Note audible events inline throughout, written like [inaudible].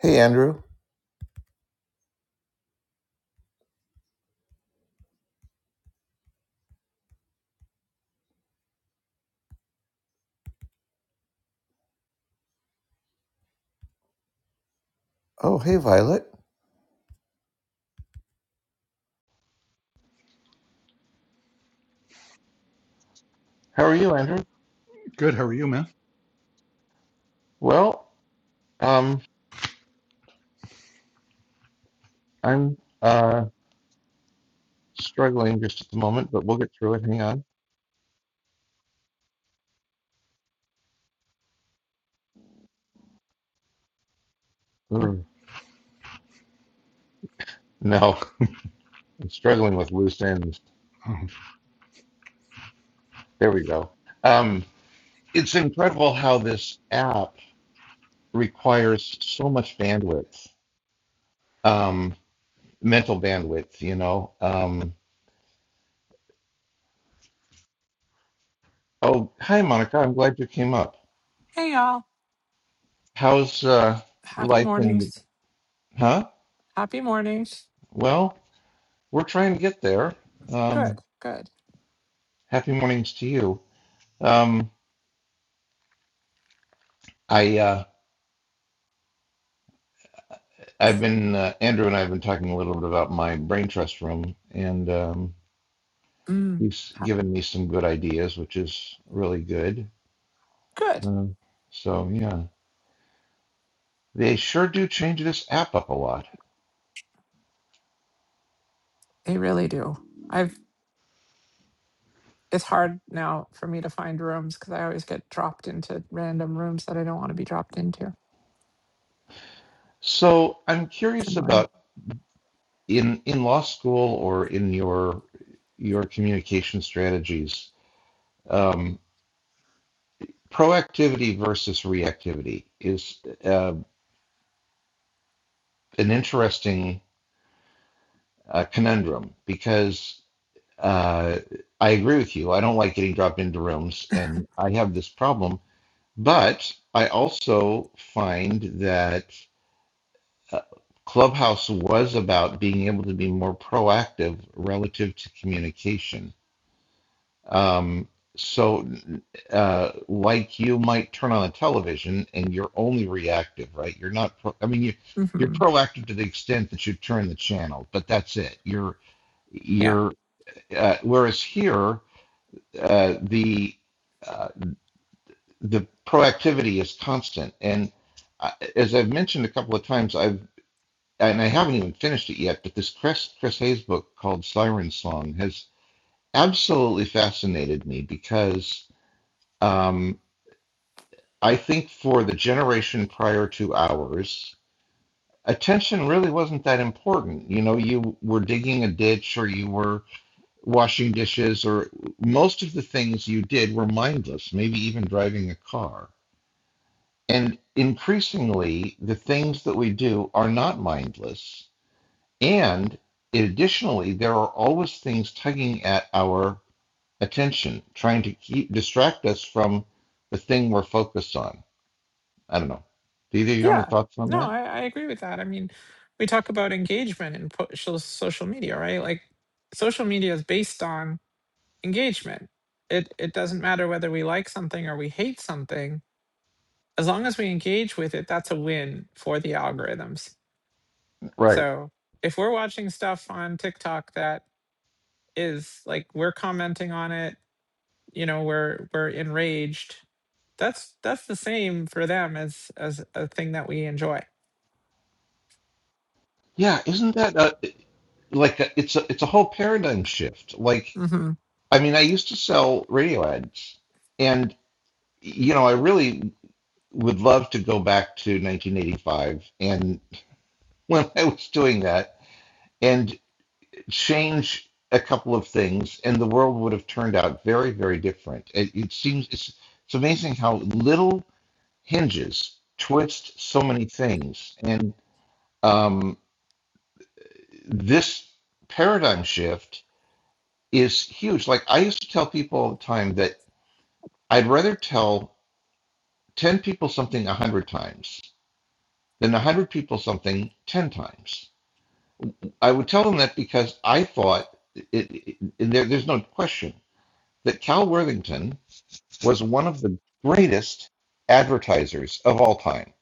Hey, Andrew. Oh, hey, Violet. How are you, Andrew? Good. How are you, man? Well, um, I'm uh struggling just at the moment, but we'll get through it. Hang on. You're Ugh. No, I'm struggling with loose ends. um, There we go. Um, it's incredible how this app requires so much bandwidth, um, mental bandwidth, you know. Um, oh, hi, Monica. I'm glad you came up. Hey y'all. How's uh Happy life in the, mornings. huh? Happy mornings. Well, we're trying to get there. Good, Um, good. Happy mornings to you. Um, I uh, I've been uh, Andrew and I have been talking a little bit about my brain trust room, and um, Mm, he's ha- given me some good ideas, which is really good. good. Um, so yeah, they sure do change this app up a lot. They really do. I've it's hard now for me to find rooms because I always get dropped into random rooms that I don't want to be dropped into. So I'm It's curious annoying. about in in law school or in your your communication strategies. Um, proactivity versus reactivity is uh, an interesting uh, conundrum because uh, I agree with you. I don't like getting dropped into rooms, and I have this problem. But I also find that uh, Clubhouse was about being able to be more proactive relative to communication. Um, so, uh, like you might turn on a television and you're only reactive, right? You're not. Pro- I mean, you you're hmm proactive to the extent that you turn the channel, but that's it. You're Yeah. you're uh, whereas here, uh, the uh, the proactivity is constant. And uh, as I've mentioned a couple of times, I've and I haven't even finished it yet, but this Chris Chris Hayes book called Siren Song has absolutely fascinated me because um, I think for the generation prior to ours, attention really wasn't that important. You know, you were digging a ditch or you were washing dishes or most of the things you did were mindless, maybe even driving a car. And increasingly, the things that we do are not mindless. And additionally, there are always things tugging at our attention, trying to keep distract us from the thing we're focused on. I don't know. Do either of you have any Yeah. thoughts on No, that? I, I agree with that. I mean, we talk about engagement in po- social social media, right? Like social media is based on engagement. It it doesn't matter whether we like something or we hate something as long as we engage with it, that's a win for the algorithms. Right. So if we're watching stuff on TikTok that is like we're commenting on it, you know, we're we're enraged. That's that's the same for them as as a thing that we enjoy. Yeah, isn't that uh, like a, it's a it's a whole paradigm shift? Like, hmm I mean, I used to sell radio ads, and you know, I really would love to go back to 1985 and [laughs] when I was doing that and change a couple of things, and the world would have turned out very, very different. It, it seems it's, it's amazing how little hinges twist so many things, and um, this paradigm shift is huge. Like I used to tell people all the time that I'd rather tell 10 people something 100 times than 100 people something 10 times. I would tell them that because I thought, it, it, and there, there's no question, that Cal Worthington was one of the greatest advertisers of all time.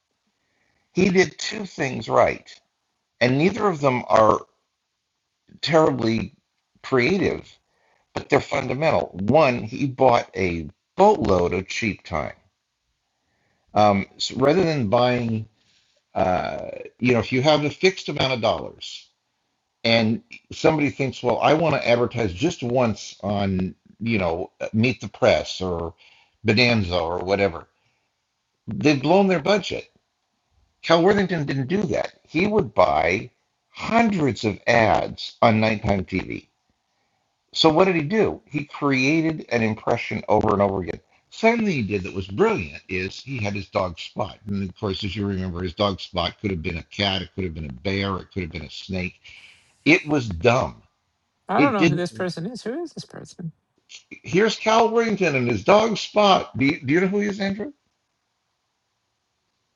He did two things right, and neither of them are terribly creative, but they're fundamental. One, he bought a boatload of cheap time. Um, so rather than buying, uh, you know, if you have a fixed amount of dollars, and somebody thinks, well, I want to advertise just once on, you know, Meet the Press or Bonanza or whatever, they've blown their budget. Cal Worthington didn't do that. He would buy hundreds of ads on nighttime TV. So what did he do? He created an impression over and over again. Second thing he did that was brilliant is he had his dog Spot. And of course, as you remember, his dog Spot could have been a cat, it could have been a bear, it could have been a snake. It was dumb I don't it know who didn't this person is. Who is this person? here's Cal Worthington and his dog Spot. Do you, do you know who he is, Andrew?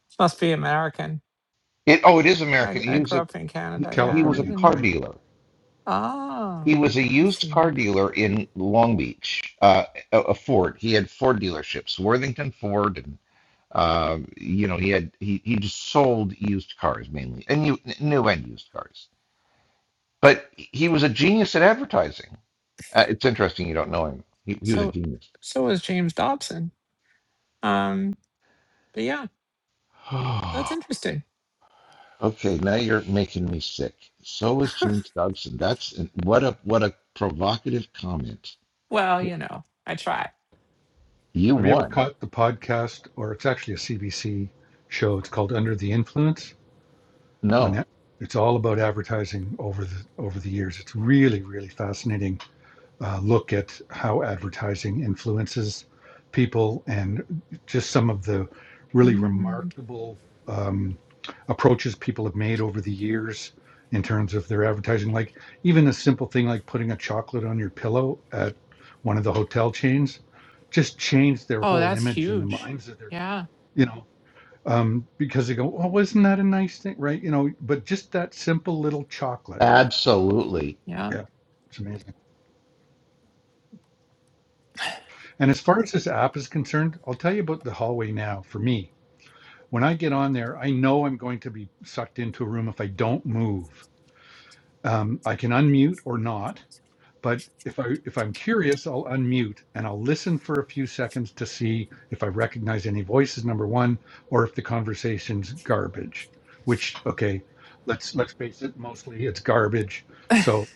This must be American. It, oh, it is I American. He I was grew a up in he, Canada. he Yeah, was we a Californian, car didn't. right? dealer. He Oh, was a let's used see. car dealer in Long Beach. Uh, a, a Ford. He had Ford dealerships, Worthington Ford, and uh, you know he had he he just sold used cars mainly and new new and used cars. But he was a genius at advertising. Uh, it's interesting you don't know him. He, he was a So genius. so was James Dobson. Um, but yeah, [sighs] that's interesting. Okay, now you're making me sick. So was James Dobson. That's what a what a provocative comment. Well, you know, I try. You Have you ever won. caught the podcast, or it's actually a CBC show? It's called Under the Influence on No, it. It's all about advertising over the over the years. It's really, really fascinating uh, look at how advertising influences people and just some of the really Mhm. remarkable um, approaches people have made over the years in terms of their advertising. Like even a simple thing like putting a chocolate on your pillow at one of the hotel chains just changed their Oh, whole that's image in the huge. minds of their, Yeah. you know, um, because they go, oh, wasn't that a nice thing? Right. You know, but just that simple little chocolate. absolutely. Yeah. Yeah. It's amazing. And as far as this app is concerned, I'll tell you about the hallway now for me. When I get on there, I know I'm going to be sucked into a room if I don't move. Um, I can unmute or not, but if I if I'm curious, I'll unmute and I'll listen for a few seconds to see if I recognize any voices. Number one, or if the conversation's garbage. Which okay, let's let's face it, mostly it's garbage. So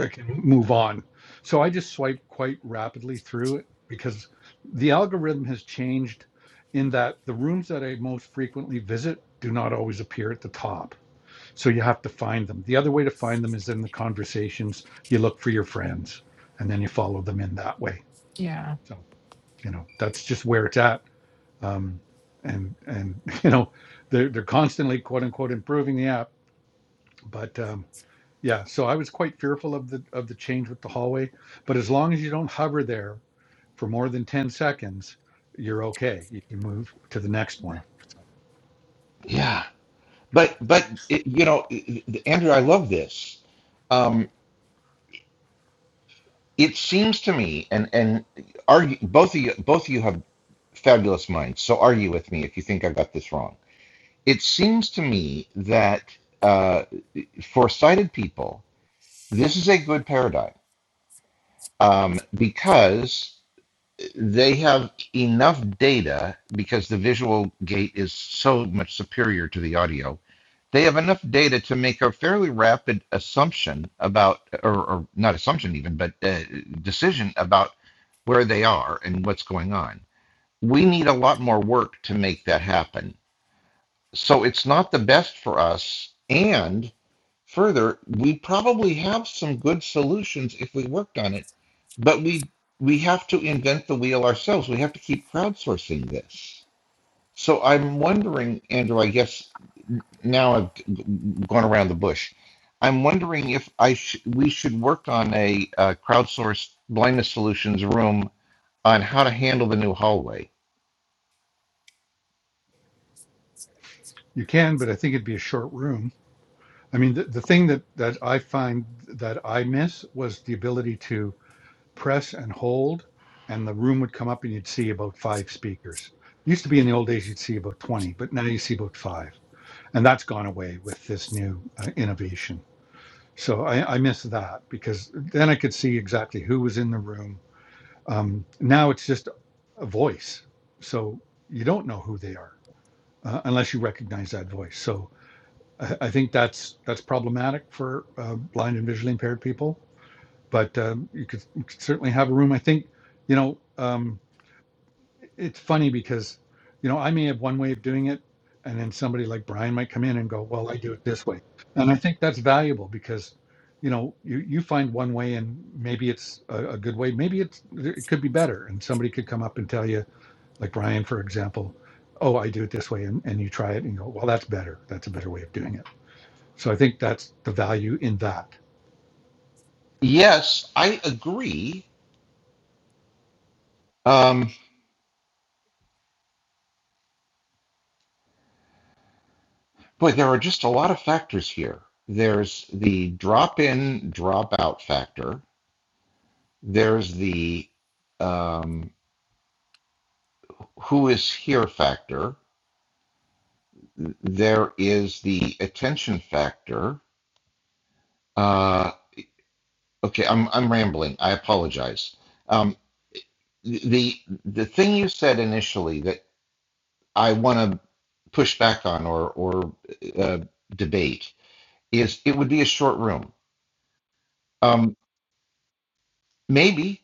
I can move on. So I just swipe quite rapidly through it because the algorithm has changed in that the rooms that I most frequently visit do not always appear at the top so you have to find them. The other way to find them is in the conversations. You look for your friends and then you follow them in that way. Yeah. So, you know, that's just where it's at. Um, and, and, [laughs] you know, they're, they're constantly quote unquote improving the app. But, um, yeah, so I was quite fearful of the, of the change with the hallway, but as long as you don't hover there for more than 10 seconds, you're okay. You can move to the next one. Yeah, but but it, you know, Andrew, I love this. Um, it seems to me, and and argue both of you both of you have fabulous minds. So argue with me if you think I got this wrong. It seems to me that uh, for sighted people, this is a good paradigm um, because they have enough data because the visual gate is so much superior to the audio. They have enough data to make a fairly rapid assumption about, or, or not assumption even, but uh, decision about where they are and what's going on. We need a lot more work to make that happen. So it's not the best for us. and. Further, we probably have some good solutions if we worked on it, but we we have to invent the wheel ourselves. We have to keep crowdsourcing this. So I'm wondering, Andrew, I guess now I've gone around the bush. I'm wondering if I sh- we should work on a uh, crowdsourced blindness solutions room on how to handle the new hallway. You can, but I think it'd be a short room. I mean, the, the thing that, that I find that I miss was the ability to press and hold, and the room would come up and you'd see about five speakers. Used to be in the old days, you'd see about 20, but now you see about five. And that's gone away with this new uh, innovation. So I, I miss that because then I could see exactly who was in the room. Um, now it's just a voice. So you don't know who they are uh, unless you recognize that voice. So I, I think that's that's problematic for uh, blind and visually impaired people. But um, you, could, you could certainly have a room. I think, you know, um, it's funny because, you know, I may have one way of doing it, and then somebody like Brian might come in and go, "Well, I do it this way," and I think that's valuable because, you know, you you find one way and maybe it's a, a good way, maybe it's it could be better, and somebody could come up and tell you, like Brian, for example, "Oh, I do it this way," and, and you try it and you go, "Well, that's better. That's a better way of doing it." So I think that's the value in that. Yes, I agree. Um, Boy, there are just a lot of factors here. There's the drop in, drop out factor. There's the um, who is here factor. There is the attention factor. Uh, okay, I'm, I'm rambling. I apologize. Um, the the thing you said initially that I want to push back on or or uh, debate is it would be a short room. Um, maybe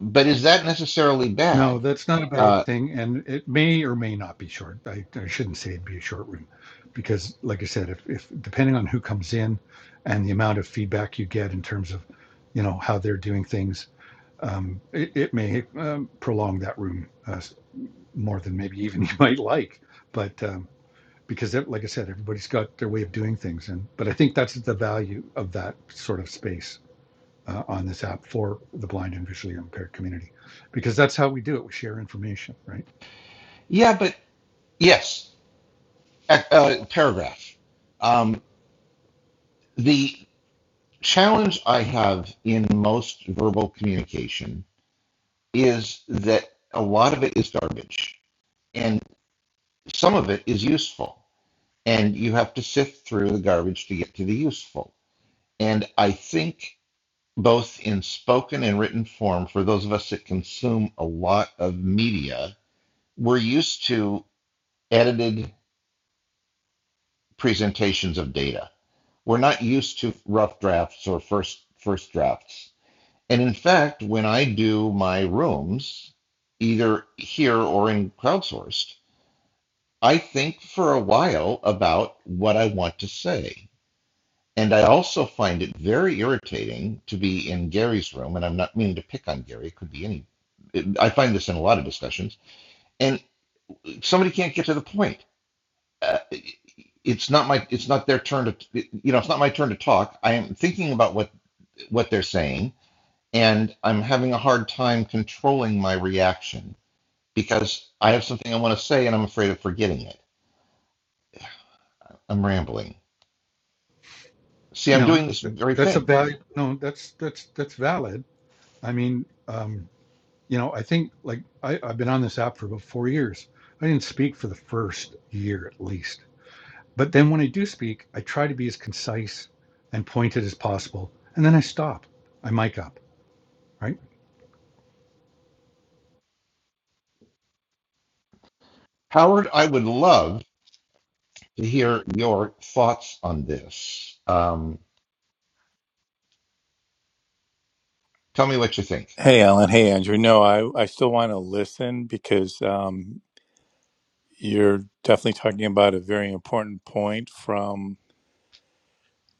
But is that necessarily No, bad? that's not a bad Uh, thing. And it may or may not be short. I, I shouldn't say it'd be a short room because, like I said, if, if depending on who comes in and the amount of feedback you get in terms of, you know, how they're doing things, um, it, it may um, prolong that room uh, more than maybe even [laughs] you might like. But um, because, that, like I said, everybody's got their way of doing things. And, but I think that's the value of that sort of space uh, on this app for the blind and visually impaired community because that's how we do it we share information right yeah, but yes, uh, uh, paragraph. Um, the challenge I have in most verbal communication is that a lot of it is garbage, and some of it is useful, and you have to sift through the garbage to get to the useful. And I think both in spoken and written form, for those of us that consume a lot of media, we're used to edited presentations of data. We're not used to rough drafts or first first drafts. And in fact, when I do my rooms, either here or in crowdsourced, I think for a while about what I want to say. And I also find it very irritating to be in Gary's room, and I'm not meaning to pick on Gary, it could be any. It, I find this in a lot of discussions, and somebody can't get to the point. uh, it's not my it's not their turn to you know it's not my turn to talk i am thinking about what what they're saying and i'm having a hard time controlling my reaction because i have something i want to say and i'm afraid of forgetting it i'm rambling see i'm no doing this th- very that's a thing value no that's that's that's valid i mean um you know i think like I, i've been on this app for about four years i didn't speak for the first year at least but then when i do speak i try to be as concise and pointed as possible and then i stop i mic up right howard i would love to hear your thoughts on this um, tell me what you think Hey, Alan. Hey, Andrew. No, I, I still want to listen because um, you're definitely talking about a very important point from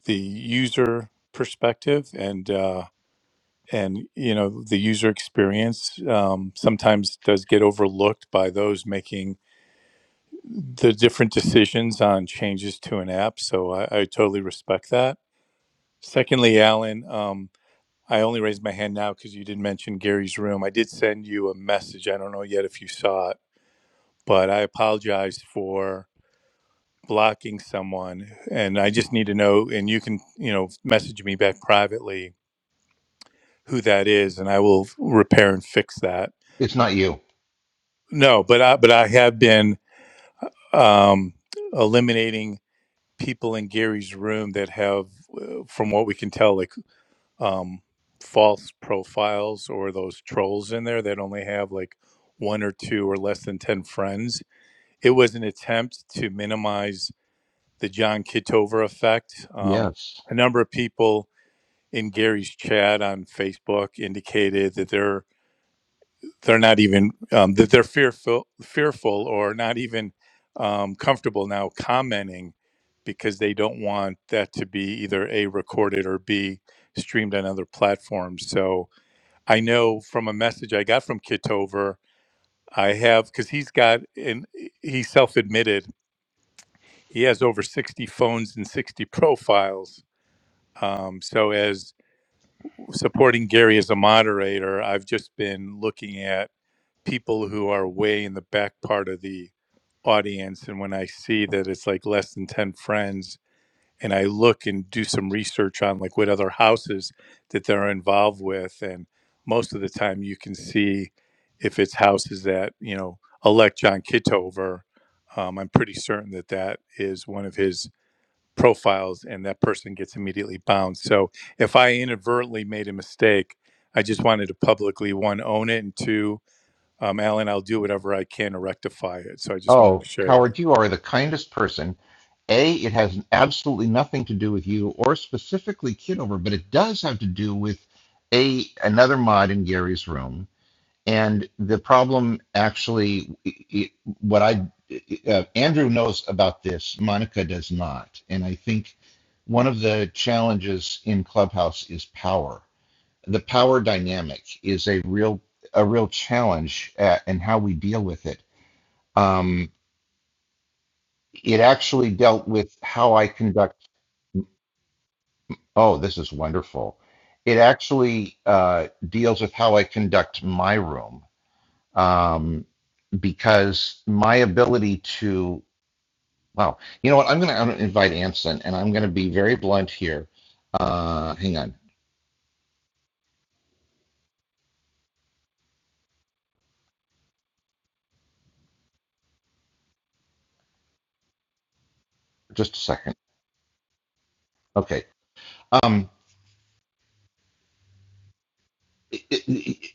the user perspective and uh, and you know the user experience um, sometimes does get overlooked by those making the different decisions on changes to an app. So I, I totally respect that. Secondly, Alan, um, I only raised my hand now because you did mention Gary's room. I did send you a message. I don't know yet if you saw it but I apologize for blocking someone. And I just need to know, and you can, you know, message me back privately who that is, and I will repair and fix that. it's not you No, but I, but I have been um, eliminating people in Gary's room that have, uh, from what we can tell, like um, false profiles or those trolls in there that only have like one or two or less than 10 friends. It was an attempt to minimize the John Kitover effect. Um, yes a number of people in Gary's chat on Facebook indicated that they're they're not even um, that they're fearful fearful or not even um, comfortable now commenting because they don't want that to be either a recorded or b streamed on other platforms. So I know from a message I got from Kitover, I have because he's got and he self admitted he has over sixty phones and sixty profiles Um, so, as supporting Gary as a moderator, I've just been looking at people who are way in the back part of the audience. And when I see that it's like less than 10 friends, and I look and do some research on like what other houses that they're involved with. And most of the time, you can see if it's houses that, you know, elect John Kitover. Um, I'm pretty certain that that is one of his profiles and that person gets immediately bound. So if I inadvertently made a mistake, I just wanted to publicly one own it and two, um, Alan, I'll do whatever I can to rectify it. So I just wanted to Oh, share that. Howard, you are the kindest person. A, it has absolutely nothing to do with you or specifically Kidover, but it does have to do with a another mod in Gary's room. And the problem actually, it, it- what I uh, Andrew knows about this, Monica does not. And I think one of the challenges in Clubhouse is power. The power dynamic is a real a real challenge uh and how we deal with it. Um, it actually dealt with how I conduct. Oh, this is wonderful. It actually uh, deals with how I conduct my room um, because my ability to. Wow, you know what? I'm going to invite Anson, and I'm going to be very blunt here. Uh, hang on, just a second. Okay. Um, it- it- it-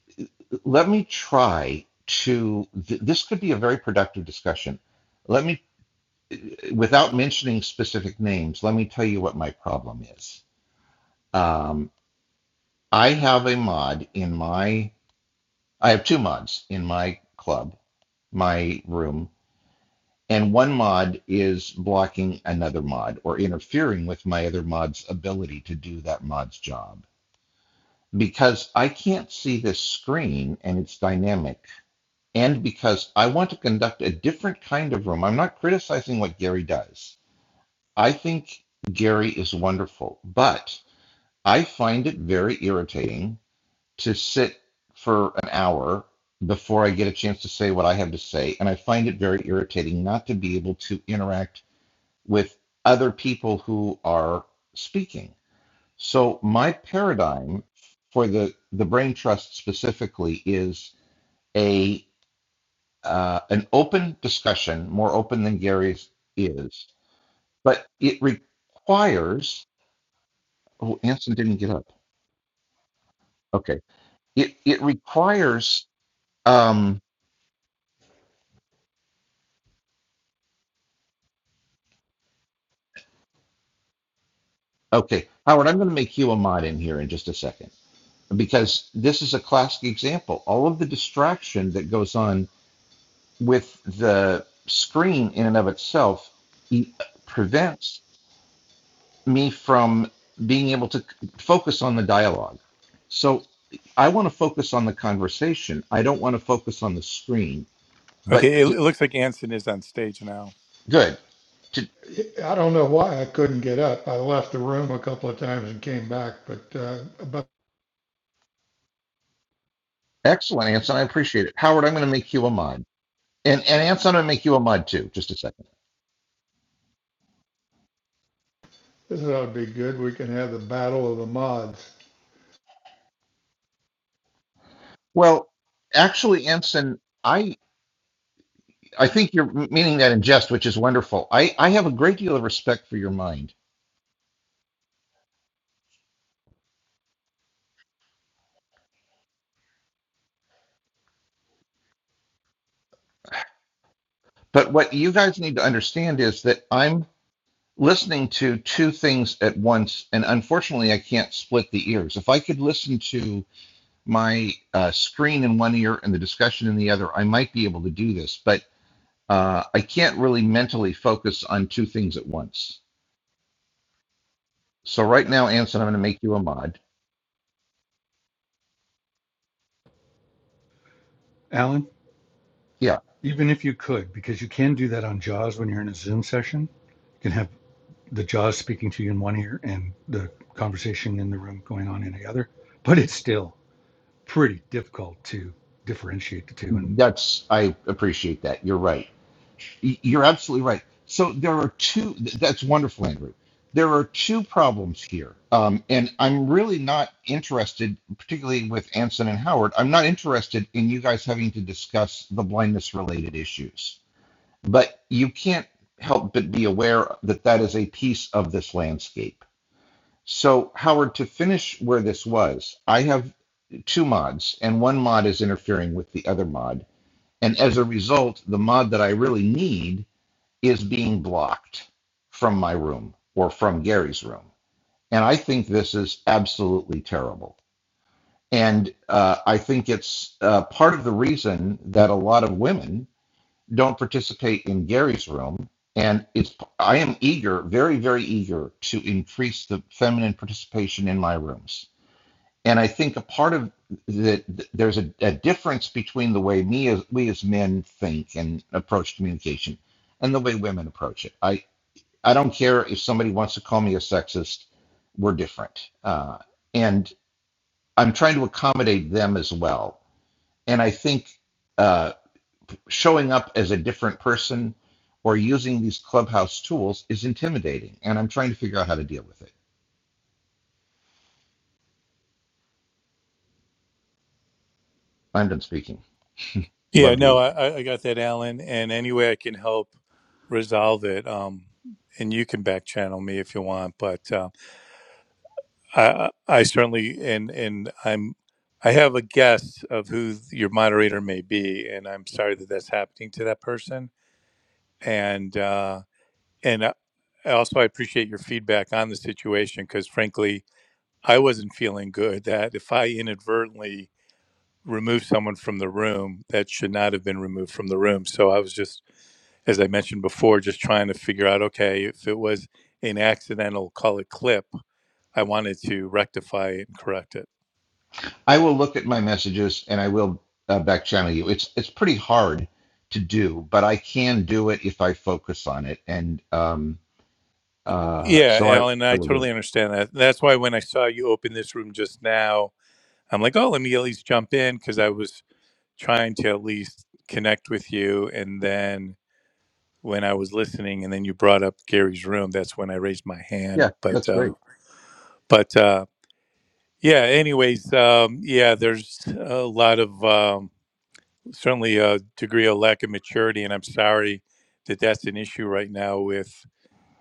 let me try to. Th- this could be a very productive discussion. Let me. without mentioning specific names, let me tell you what my problem is. Um, I have a mod in my, I have two mods in my club, my room, and one mod is blocking another mod or interfering with my other mod's ability to do that mod's job. Because I can't see this screen and it's dynamic, and because I want to conduct a different kind of room. I'm not criticizing what Gary does. I think Gary is wonderful, but I find it very irritating to sit for an hour before I get a chance to say what I have to say. And I find it very irritating not to be able to interact with other people who are speaking. So my paradigm for the, the brain trust specifically is a uh, an open discussion, more open than Gary's is, but it requires. Oh, Anson didn't get up. Okay, it it requires Um, okay, Howard, I'm going to make you a mod in here in just a second because this is a classic example. All of the distraction that goes on with the screen in and of itself e- prevents me from being able to focus on the dialogue. So I want to focus on the conversation. I don't want to focus on the screen. But Okay, it, it to, looks like Anson is on stage now. good, to, I don't know why I couldn't get up. I left the room a couple of times and came back, but uh, but excellent, Anson. I appreciate it. Howard, I'm going to make you a mod, and and Anson, I'm going to make you a mod too. Just a second. this ought to be good. We can have the battle of the mods. Well, actually, Anson, I I think you're m- meaning that in jest, which is wonderful. I I have a great deal of respect for your mind, but what you guys need to understand is that I'm listening to two things at once, and unfortunately, I can't split the ears. If I could listen to my uh, screen in one ear and the discussion in the other, I might be able to do this, but uh, I can't really mentally focus on two things at once. So right now, Anson, I'm going to make you a mod. alan even if you could because you can do that on jaws when you're in a zoom session you can have. the jaws speaking to you in one ear and the conversation in the room going on in the other. But it's still pretty difficult to differentiate the two. And That's I appreciate that. You're right. You're absolutely right. So there are two. That's wonderful, Andrew. There are two problems here, um, and I'm really not interested, particularly with Anson and Howard. I'm not interested in you guys having to discuss the blindness-related issues, but you can't help but be aware that that is a piece of this landscape. So, Howard, to finish where this was, I have two mods, and one mod is interfering with the other mod and as a result, the mod that I really need is being blocked from my room or from Gary's room. And I think this is absolutely terrible. And uh, I think it's uh, part of the reason that a lot of women don't participate in Gary's room. And it's I am eager, very, very eager to increase the feminine participation in my rooms and I think a part of that there's a, a difference between the way me as we as men think and approach communication and the way women approach it. I I don't care if somebody wants to call me a sexist. We're different, uh, and I'm trying to accommodate them as well. And I think uh, showing up as a different person or using these clubhouse tools is intimidating, and I'm trying to figure out how to deal with it. I'm done speaking. Yeah, Love no, you. I, I got that, Alan. And any way I can help resolve it, um, and you can back channel me if you want. But Um, I, I certainly and and I'm I have a guess of who your moderator may be, and I'm sorry that that's happening to that person. And uh, and I, I also I appreciate your feedback on the situation because frankly I wasn't feeling good that if I inadvertently remove someone from the room that should not have been removed from the room. So I was just as I mentioned before, just trying to figure out okay if it was an accidental call it clip, I wanted to rectify it and correct it. I will look at my messages and I will uh, back channel you. It's it's pretty hard to do, but I can do it if I focus on it, and um, uh, Yeah, so I Alan, I I will do it. totally understand that. That's why when I saw you open this room just now, I'm like, oh, let me at least jump in because I was trying to at least connect with you. And then when I was listening, and then you brought up Gary's room, that's when I raised my hand. Yeah, But that's uh, great. but uh, yeah, anyways, um, yeah, there's a lot of um, certainly a degree of lack of maturity, and I'm sorry that that's an issue right now with.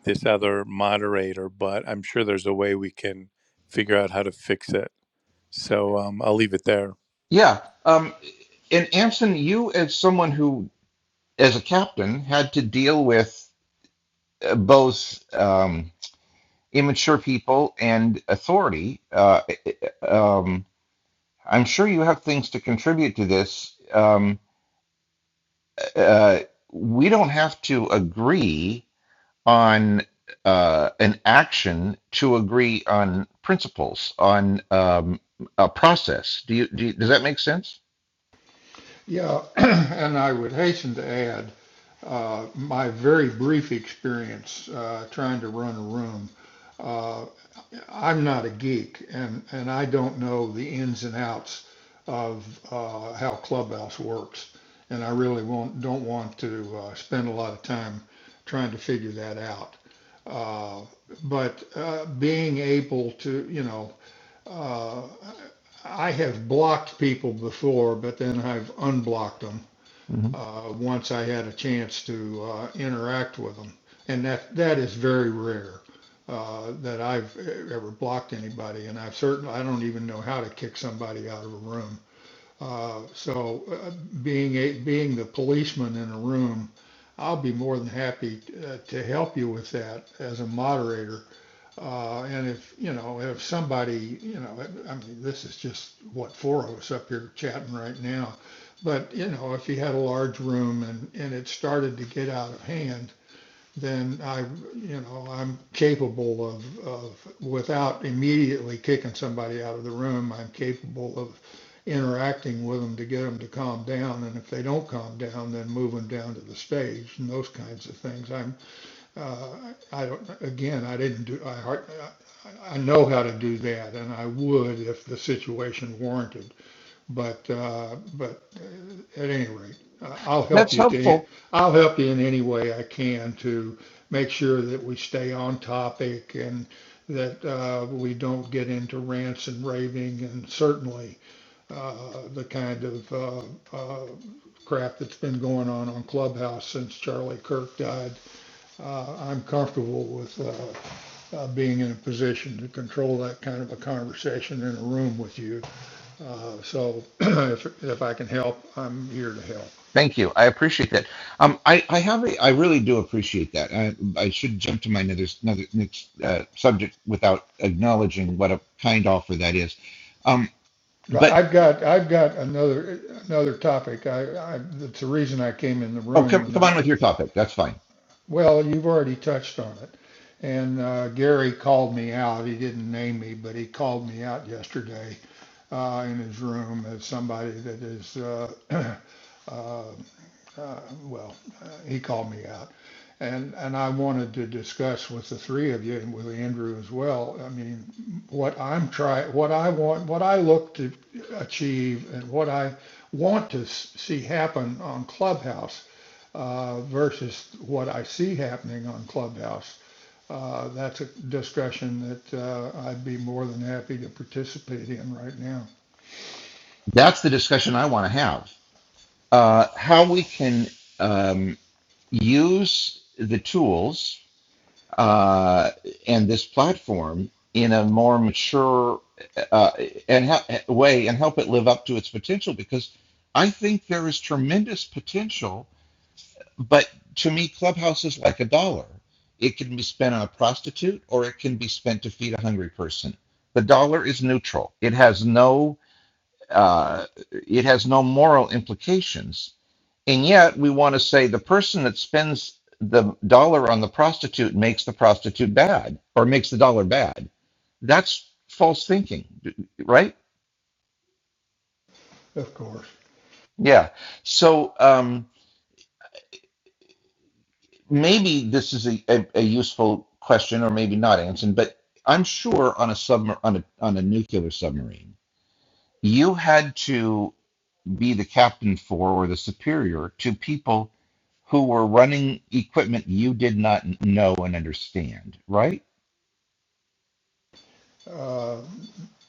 this other moderator, but I'm sure there's a way we can figure out how to fix it. So um, I'll leave it there. Yeah, um, and Anson, you as someone who as a captain had to deal with uh, both um, immature people and authority. Uh, um, I'm sure you have things to contribute to this. Um, uh, we don't have to agree on uh, an action to agree on principles, on um, a process. Do you, do you, does that make sense? Yeah, [clears throat] and I would hasten to add uh, my very brief experience uh, trying to run a room. Uh, I'm not a geek and, and I don't know the ins and outs of uh, how Clubhouse works. And I really won't, don't want to uh, spend a lot of time trying to figure that out. Uh, but uh, being able to, you know, uh, I have blocked people before, but then I've unblocked unblocked them hmm uh, once I had a chance to uh, interact with them. And that, that is very rare uh, that I've e-, ever blocked anybody. And I've certainly, I don't even know how to kick somebody out of a room. Uh, so uh, being, a, being the policeman in a room, I'll be more than happy t- uh, to help you with that as a moderator uh, and if, you know, if somebody, you know, I mean, this is just what, four of us up here chatting right now. But, you know, if you had a large room and, and it started to get out of hand, then I, you know, I'm capable of, of, without immediately kicking somebody out of the room, I'm capable of interacting with them to get them to calm down. And if they don't calm down, then move them down to the stage and those kinds of things. I'm uh, I again, I didn't do, I hard, I, I know how to do that and I would if the situation warranted. But, uh, but uh, at any rate, uh, I'll help That's you to, helpful. I'll help you in any way I can to make sure that we stay on topic and that, uh, we don't get into rants and raving and certainly, uh, the kind of, uh, uh, crap that's been going on on Clubhouse since Charlie Kirk died uh, I'm comfortable with uh, uh, being in a position to control that kind of a conversation in a room with you. Uh, So [clears throat] if, if I can help, I'm here to help. Thank you. I appreciate that. Um, I, I have a, I really do appreciate that. I, I should jump to my another, another next uh, subject without acknowledging what a kind offer that is. Um, But but I've got, I've got another, another topic. I, I, that's the reason I came in the oh, room come, and come I, on with your topic. That's fine. well, you've already touched on it. And uh, Gary called me out. He didn't name me, but he called me out yesterday uh, in his room as somebody that is uh, [clears throat] uh, uh, well, uh, he called me out. And, and I wanted to discuss with the three of you and with Andrew as well. I mean, what I'm trying, what I want, what I look to achieve and what I want to see happen on Clubhouse uh, versus what I see happening on Clubhouse. Uh, that's a discussion that uh, I'd be more than happy to participate in right now, That's the discussion I want to have. Uh, how we can um. use the tools uh, and this platform in a more mature uh, and ha- way and help it live up to its potential because I think there is tremendous potential, but to me, Clubhouse is like a dollar. It can be spent on a prostitute or it can be spent to feed a hungry person. The dollar is neutral. It has no uh, it has no moral implications and yet we want to say the person that spends the dollar on the prostitute makes the prostitute bad or makes the dollar bad. That's false thinking, right? of course. Yeah. So um, maybe this is a, a, a useful question or maybe not, Anson, but I'm sure on a sub on a, on a nuclear submarine, you had to be the captain for or the superior to people who were running equipment you did not know and understand, right? uh,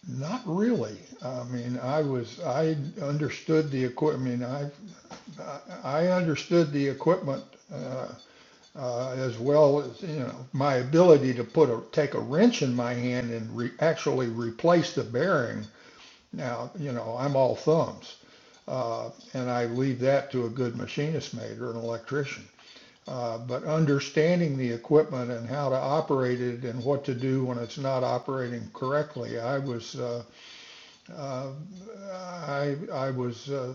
Not really. I mean, I was, I understood the equipment. I mean, I, I understood the equipment, uh, uh, as well as, you know, my ability to put a, take a wrench in my hand and re, actually replace the bearing. Now, you know, I'm all thumbs. Uh, and I leave that to a good machinist mate or an electrician. Uh, but understanding the equipment and how to operate it and what to do when it's not operating correctly, I was, uh, uh, I I was uh,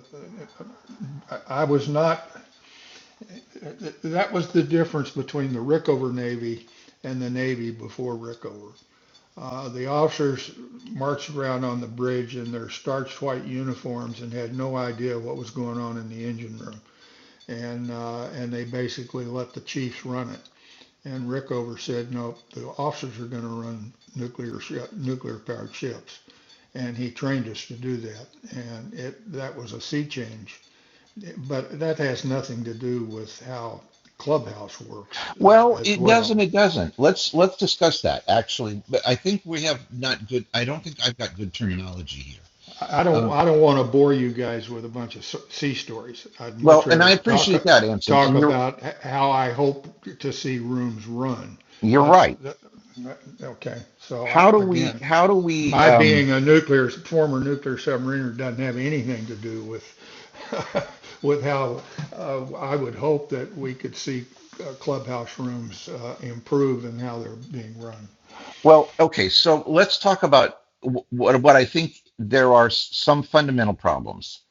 I was not. That was the difference between the Rickover Navy and the Navy before Rickover. Uh, the officers marched around on the bridge in their starched white uniforms and had no idea what was going on in the engine room, and uh, and they basically let the chiefs run it. And Rickover said, no, the officers are going to run nuclear shi nuclear powered ships and he trained us to do that. And it that was a sea change. But that has nothing to do with how Clubhouse works uh, Well, as it does and well. it doesn't. Let's let's discuss that actually. But I think we have not good. I don't think I've got good terminology here. I don't Um, I don't want to bore you guys with a bunch of sea stories. I'd much well, and I rather talk appreciate that, Anson. talk And you're about how I hope to see rooms run. you're That's right. that, okay. So I, How do again. we? How do we? My Um, being a nuclear former nuclear submariner doesn't have anything to do with [laughs] with how uh, I would hope that we could see uh, clubhouse rooms uh, improve and how they're being run. well, okay. So let's talk about wh- what what I think there are s- some fundamental problems.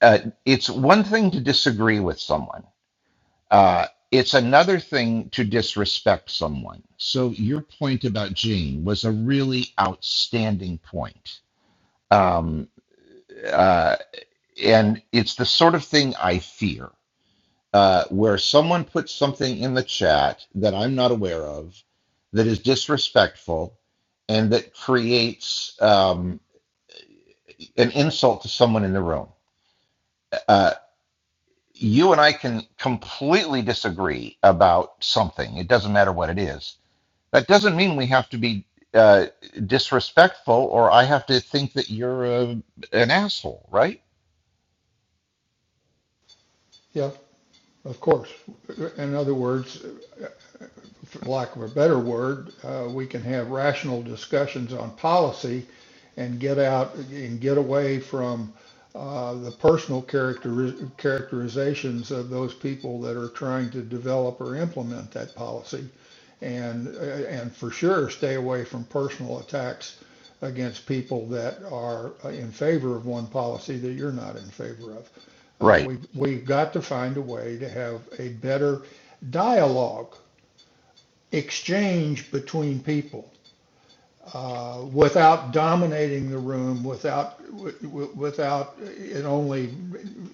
Uh, it's one thing to disagree with someone Uh, it's another thing to disrespect someone. So your point about Gene was a really outstanding point. Um, uh, and it's the sort of thing I fear, uh, where someone puts something in the chat that I'm not aware of, that is disrespectful, and that creates um, an insult to someone in the room. Uh, you and I can completely disagree about something. It doesn't matter what it is That doesn't mean we have to be uh, disrespectful or I have to think that you're a, an asshole, right? Yeah, of course. In other words, for lack of a better word, uh, we can have rational discussions on policy and get out and get away from uh, the personal character, characterizations of those people that are trying to develop or implement that policy, and uh, and for sure stay away from personal attacks against people that are uh, in favor of one policy that you're not in favor of. Uh, Right. we we've got to find a way to have a better dialogue exchange between people uh, without dominating the room, without w- without it only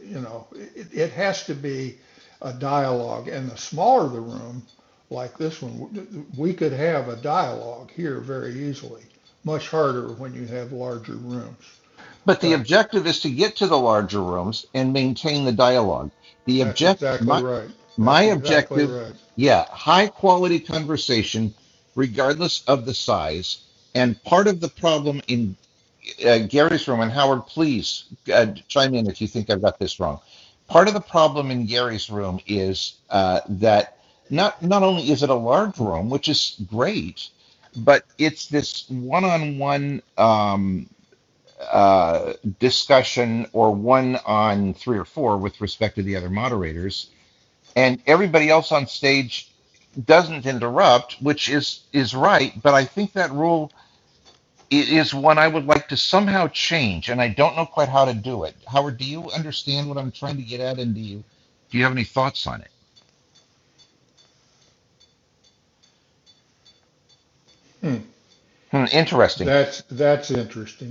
you know it, it has to be a dialogue. And the smaller the room, like this one, we could have a dialogue here very easily. Much harder when you have larger rooms. But the But objective is to get to the larger rooms and maintain the dialogue. The that's object, exactly my, right. my That's exactly objective, right. yeah, high quality conversation, regardless of the size. And part of the problem in uh, Gary's room, and Howard, please uh, chime in if you think I've got this wrong. Part of the problem in Gary's room is uh, that not not only is it a large room, which is great, but it's this one-on-one um, uh, discussion or one on three or four with respect to the other moderators, and everybody else on stage doesn't interrupt, which is is right. But I think that rule it is one I would like to somehow change, and I don't know quite how to do it. Howard, do you understand what I'm trying to get at, and do you do you have any thoughts on it? Hmm. Hmm, interesting. That's that's interesting.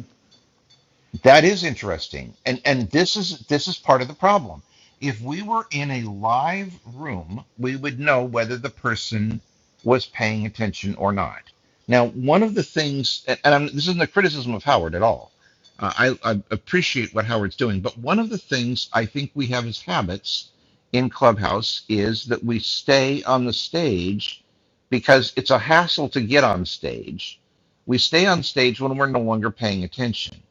That is interesting. And and this is this is part of the problem. If we were in a live room, we would know whether the person was paying attention or not. Now, one of the things, and I'm, this isn't a criticism of Howard at all. Uh, I, I appreciate what Howard's doing, but one of the things I think we have as habits in Clubhouse is that we stay on the stage because it's a hassle to get on stage. We stay on stage when we're no longer paying attention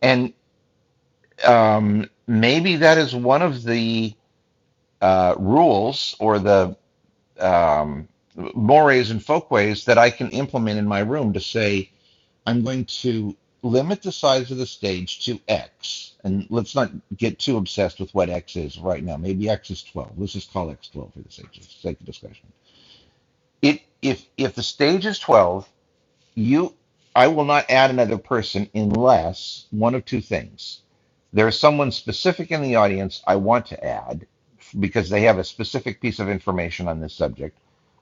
and um, maybe that is one of the uh, rules or the um, mores and folkways that I can implement in my room to say, I'm going to limit the size of the stage to X. And let's not get too obsessed with what X is right now. Maybe X is 12. Let's just call X 12 for the sake of, sake of discussion. It, if, if the stage is 12 you I will not add another person unless one of two things. There is someone specific in the audience I want to add because they have a specific piece of information on this subject,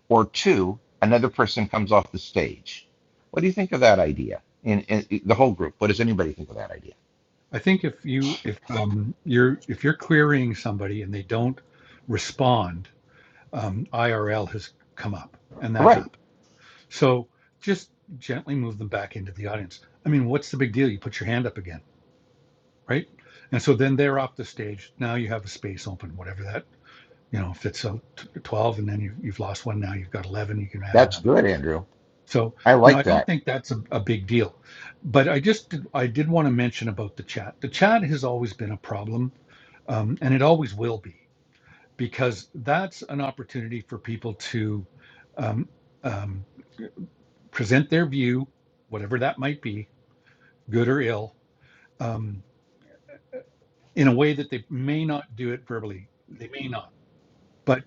or two, another person comes off the stage. What do you think of that idea? In, in the whole group, what does anybody think of that idea? I think if you if um, you're if you're querying somebody and they don't respond, um, IRL has come up, and All that Right. happened. So just gently move them back into the audience. I mean, what's the big deal? You put your hand up again, right? And so then they're off the stage. Now you have a space open, whatever that you know if it's a t- 12 and then you, you've lost one now you've got 11 you can add That's another good, Andrew. so I you know like i don't that. think that's a, a big deal but i just i did want to mention about the chat the chat has always been a problem um, and it always will be because that's an opportunity for people to um, um, present their view whatever that might be good or ill um, in a way that they may not do it verbally they may not but.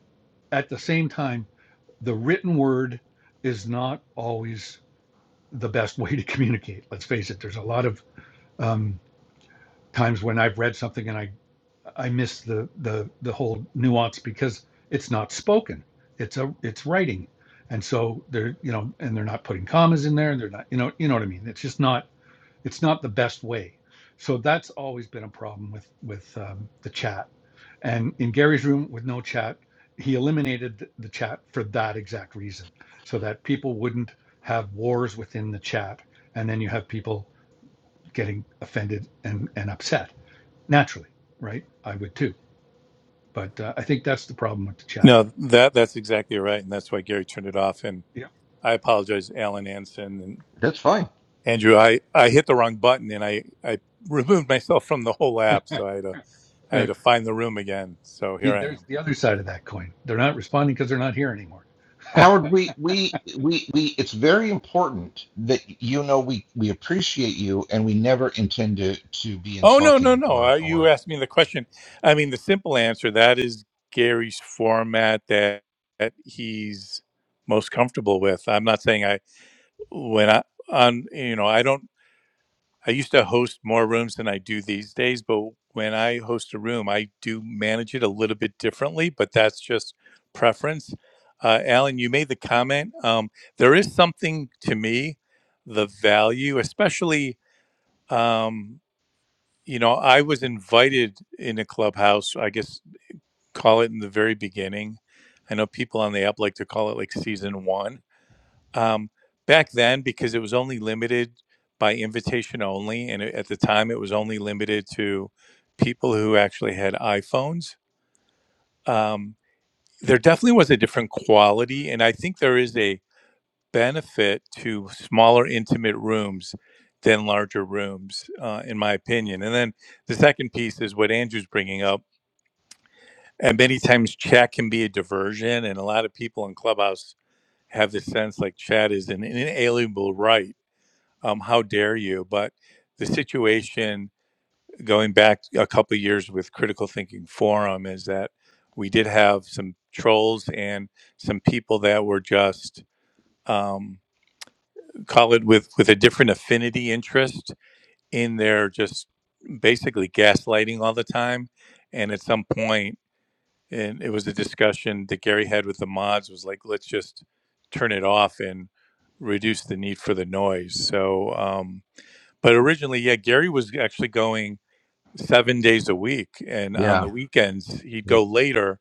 At the same time, the written word is not always the best [laughs] way to communicate. Let's face it. There's a lot of um, times when I've read something and I I miss the the the whole nuance because it's not spoken. It's a it's writing, and so they're you know and they're not putting commas in there and they're not you know you know what I mean. It's just not it's not the best way. So that's always been a problem with with um, the chat and in Gary's room with no chat, he eliminated th- the chat for that exact reason, so that people wouldn't have wars within the chat. And then you have people getting offended and, and upset naturally, right? I would too. But uh, I think that's the problem with the chat. No, that that's exactly right, and that's why Gary turned it off. And Yeah. I apologize, Alan Anson and That's fine. Andrew. I, I hit the wrong button, and I, I removed myself from the whole app, so I had to I had Right. to find the room again. So See, here I there's am. the other side of that coin. They're not responding because they're not here anymore. Howard, we we we we it's very important that you know we we appreciate you and we never intend to to be Oh no no insulting no! Uh, or you or asked me the question. I mean, the simple answer that is Gary's format that that he's most comfortable with. I'm not saying I when I on you know I don't I used to host more rooms than I do these days, but when I host a room, I do manage it a little bit differently, but that's just preference. Uh, Alan, you made the comment. Um, there is something to me, the value, especially um, you know I was invited in a clubhouse. I guess call it in the very beginning. I know people on the app like to call it like season one um, back then, because it was only limited by invitation only, and at the time it was only limited to people who actually had iPhones, um, there definitely was a different quality. And I think there is a benefit to smaller, intimate rooms than larger rooms, uh, in my opinion. And then the second piece is what Andrew's bringing up. And many times chat can be a diversion, and a lot of people in Clubhouse have the sense like chat is an inalienable right um, how dare you? But the situation going back a couple of years with Critical Thinking Forum is that we did have some trolls and some people that were just um, call it with with a different affinity interest in their just basically gaslighting all the time. And at some point, and it was a discussion that Gary had with the mods was like, let's just turn it off and reduce the need for the noise. So. Um, but originally, yeah, Gary was actually going seven days a week, and on yeah. the weekends he'd go later.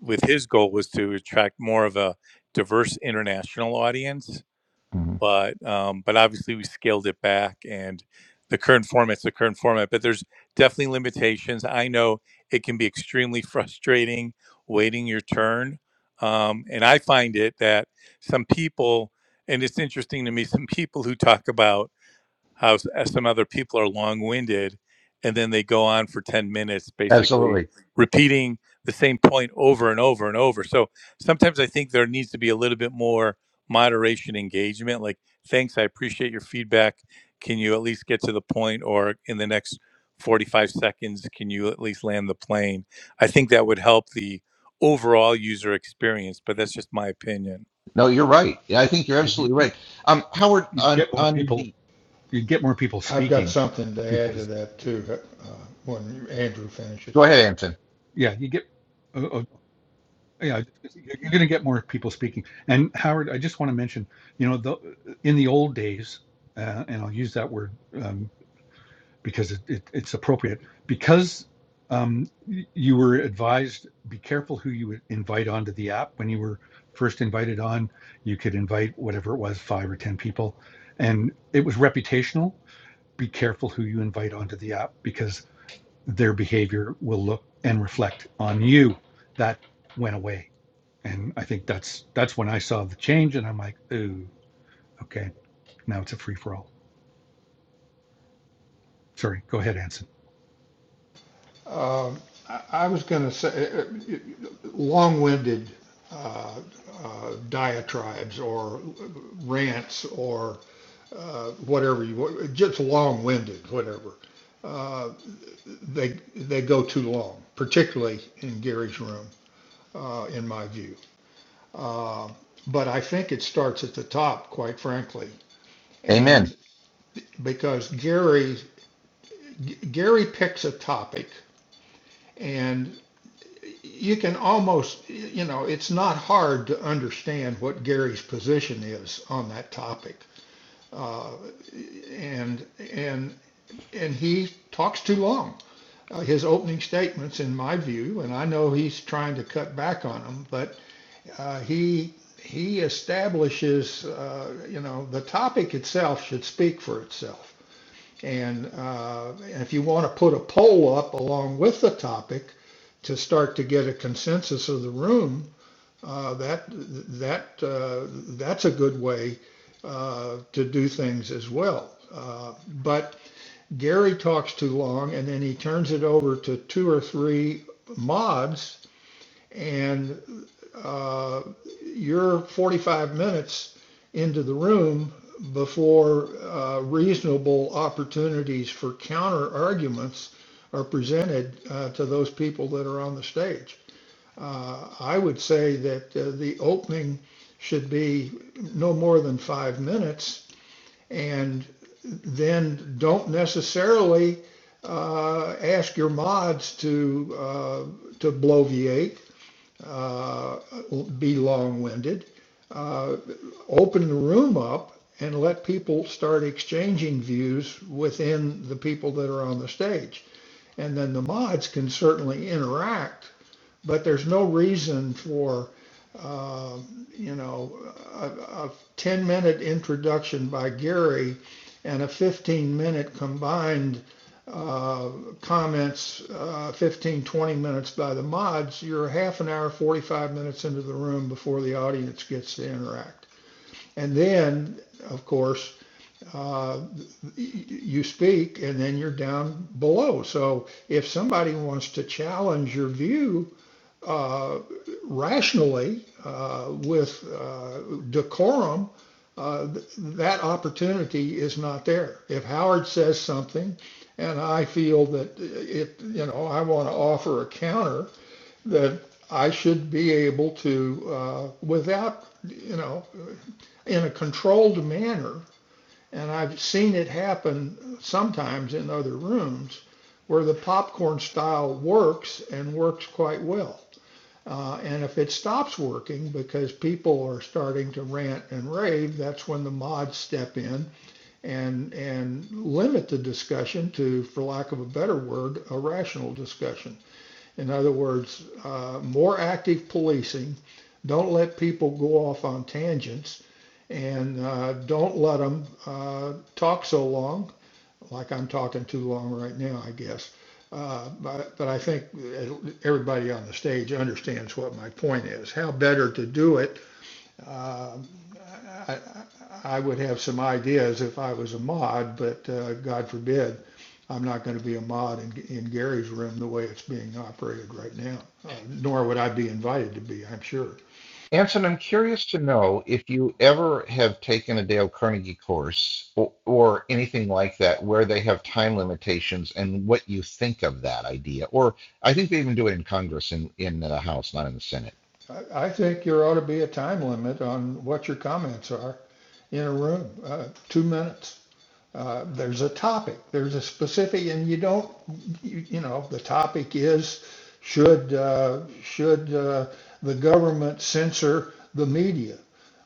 With his goal was to attract more of a diverse international audience, Mhm. but um, but obviously we scaled it back, and the current format's the current format. But there's definitely limitations. I know it can be extremely [laughs] frustrating waiting your turn, um, and I find it that some people, and it's interesting to me, some people who talk about how s- uh, some other people are long-winded and then they go on for 10 minutes basically Absolutely. repeating the same point over and over and over so sometimes i think there needs to be a little bit more moderation engagement like thanks i appreciate your feedback can you at least get to the point or in the next 45 seconds can you at least land the plane i think that would help the overall user experience but that's just my opinion No, you're right. Yeah, I think you're You, you absolutely right. Um, Howard, you on get more on people. the You get more people I've got speaking something to add to because that too, uh, when Andrew go finishes. ahead, Anton. yeah, you get. Yeah, you're going to get more people speaking. And Howard, I just want to mention, you know, the, in the old days, uh, and I'll use that word um, because it, it, it's appropriate, because um, y- you were advised be careful who you would invite onto the app. When you were first invited on, you could invite whatever it was, five or 10 people. And it was reputational. Be careful who you invite onto the app because their behavior will look and reflect on you. That went away and I think that's that's when I saw the change, and I'm like, ooh, okay, now it's a free for all. Sorry, go ahead, Anson. Um, I, I was going to say, uh, uh, long-winded uh, uh, diatribes or rants or uh, whatever you want, just long-winded, whatever. Uh, they they go too long, particularly in Gary's room, uh, in my view. Uh, but I think it starts at the top, quite frankly, Amen. and because Gary Gary picks a topic and you can almost, you know, it's not hard to understand what Gary's position is on that topic. Uh, and, and, and he talks too long. Uh, his opening statements, in my view, and I know he's trying to cut back on them, but uh, he, he establishes, uh, you know, the topic itself should speak for itself. And uh, if you want to put a poll up along with the topic to start to get a consensus of the room, uh, that that uh, that's a good way uh, to do things as well. Uh, but Gary talks too long, and then he turns it over to two or three mods, and uh, you're 45 minutes into the room before uh, reasonable opportunities for counter arguments are presented uh, to those people that are on the stage. Uh, I would say that uh, the opening should be no more than five minutes, and then don't necessarily uh, ask your mods to uh, to bloviate uh, be long-winded. Uh, open the room up and let people start exchanging views within the people that are on the stage. And then the mods can certainly interact but there's no reason for, uh, you know, a, a 10 minute introduction by Gary and a 15 minute combined uh, comments, uh, 15, 20 minutes by the mods, you're half an hour, 45 minutes into the room before the audience gets to interact. And then, of course, uh, you speak and then you're down below. So if somebody wants to challenge your view, uh, rationally, uh, with uh, decorum, uh, th- that opportunity is not there. If Howard says something and I feel that it, you know, I want to offer a counter, that I should be able to, uh, without, you know, in a controlled manner, and I've seen it happen sometimes in other rooms, where the popcorn style works and works quite well. Uh, and if it stops working because people are starting to rant and rave, that's when the mods step in and and limit the discussion to, for lack of a better word, a rational discussion. In other words, uh, more active policing. Don't let people go off on tangents and uh, don't let them uh, talk so long like I'm talking too long right now, I guess. Uh, but, but I think everybody on the stage understands what my point is. How better to do it? Uh, I, I would have some ideas if I was a mod, but uh, God forbid, I'm not going to be a mod in, in Gary's room the way it's being operated right now, uh, nor would I be invited to be, I'm sure. Anson, I'm curious to know if you ever have taken a Dale Carnegie course or, or anything like that where they have time limitations and what you think of that idea. Or I think they even do it in Congress in, in the House, not in the Senate. I, I think there ought to be a time limit on what your comments are in a room, uh, two minutes. uh, there's a topic, there's a specific, and you don't, you, you know, the topic is should uh, should uh, the government censor the media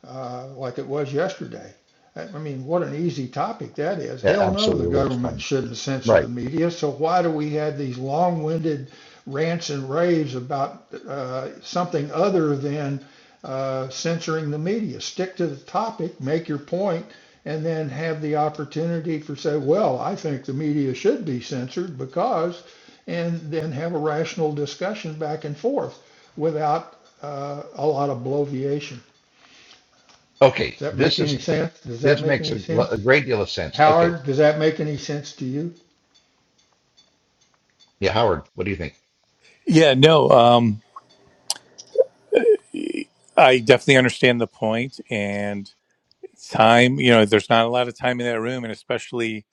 uh, like it was yesterday? I I mean, what an easy topic that is. Yeah, Hell no, absolutely the a waste of government time. shouldn't censor the Right. media. So why do we have these long-winded rants and raves about uh, something other than uh, censoring the media? Stick to the topic, make your point, and then have the opportunity for say, well, I think the media should be censored because, and then have a rational discussion back and forth without uh, a lot of bloviation. Does Okay. that make This any is sense? Does that this make makes any a, a sense? great deal of sense. Okay. Howard, does that make any sense to you? Yeah, Howard, what do you think? yeah no um, i definitely understand the point and time you know there's not a lot of time in that room and especially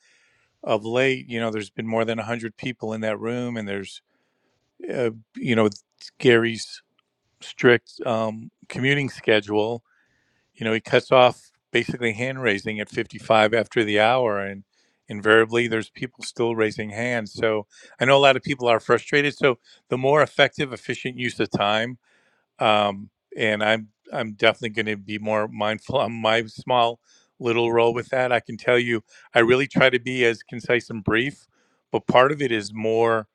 of late you know there's been more than 100 people in that room and there's uh, you know gary's strict um, commuting schedule you know he cuts off basically hand raising at 55 after the hour and invariably there's people still raising hands so i know a lot of people are frustrated so the more effective efficient use of time um, and I'm I'm definitely going to be more mindful on my small little role with that. I can tell you, I really try to be as concise and brief, but part of it is more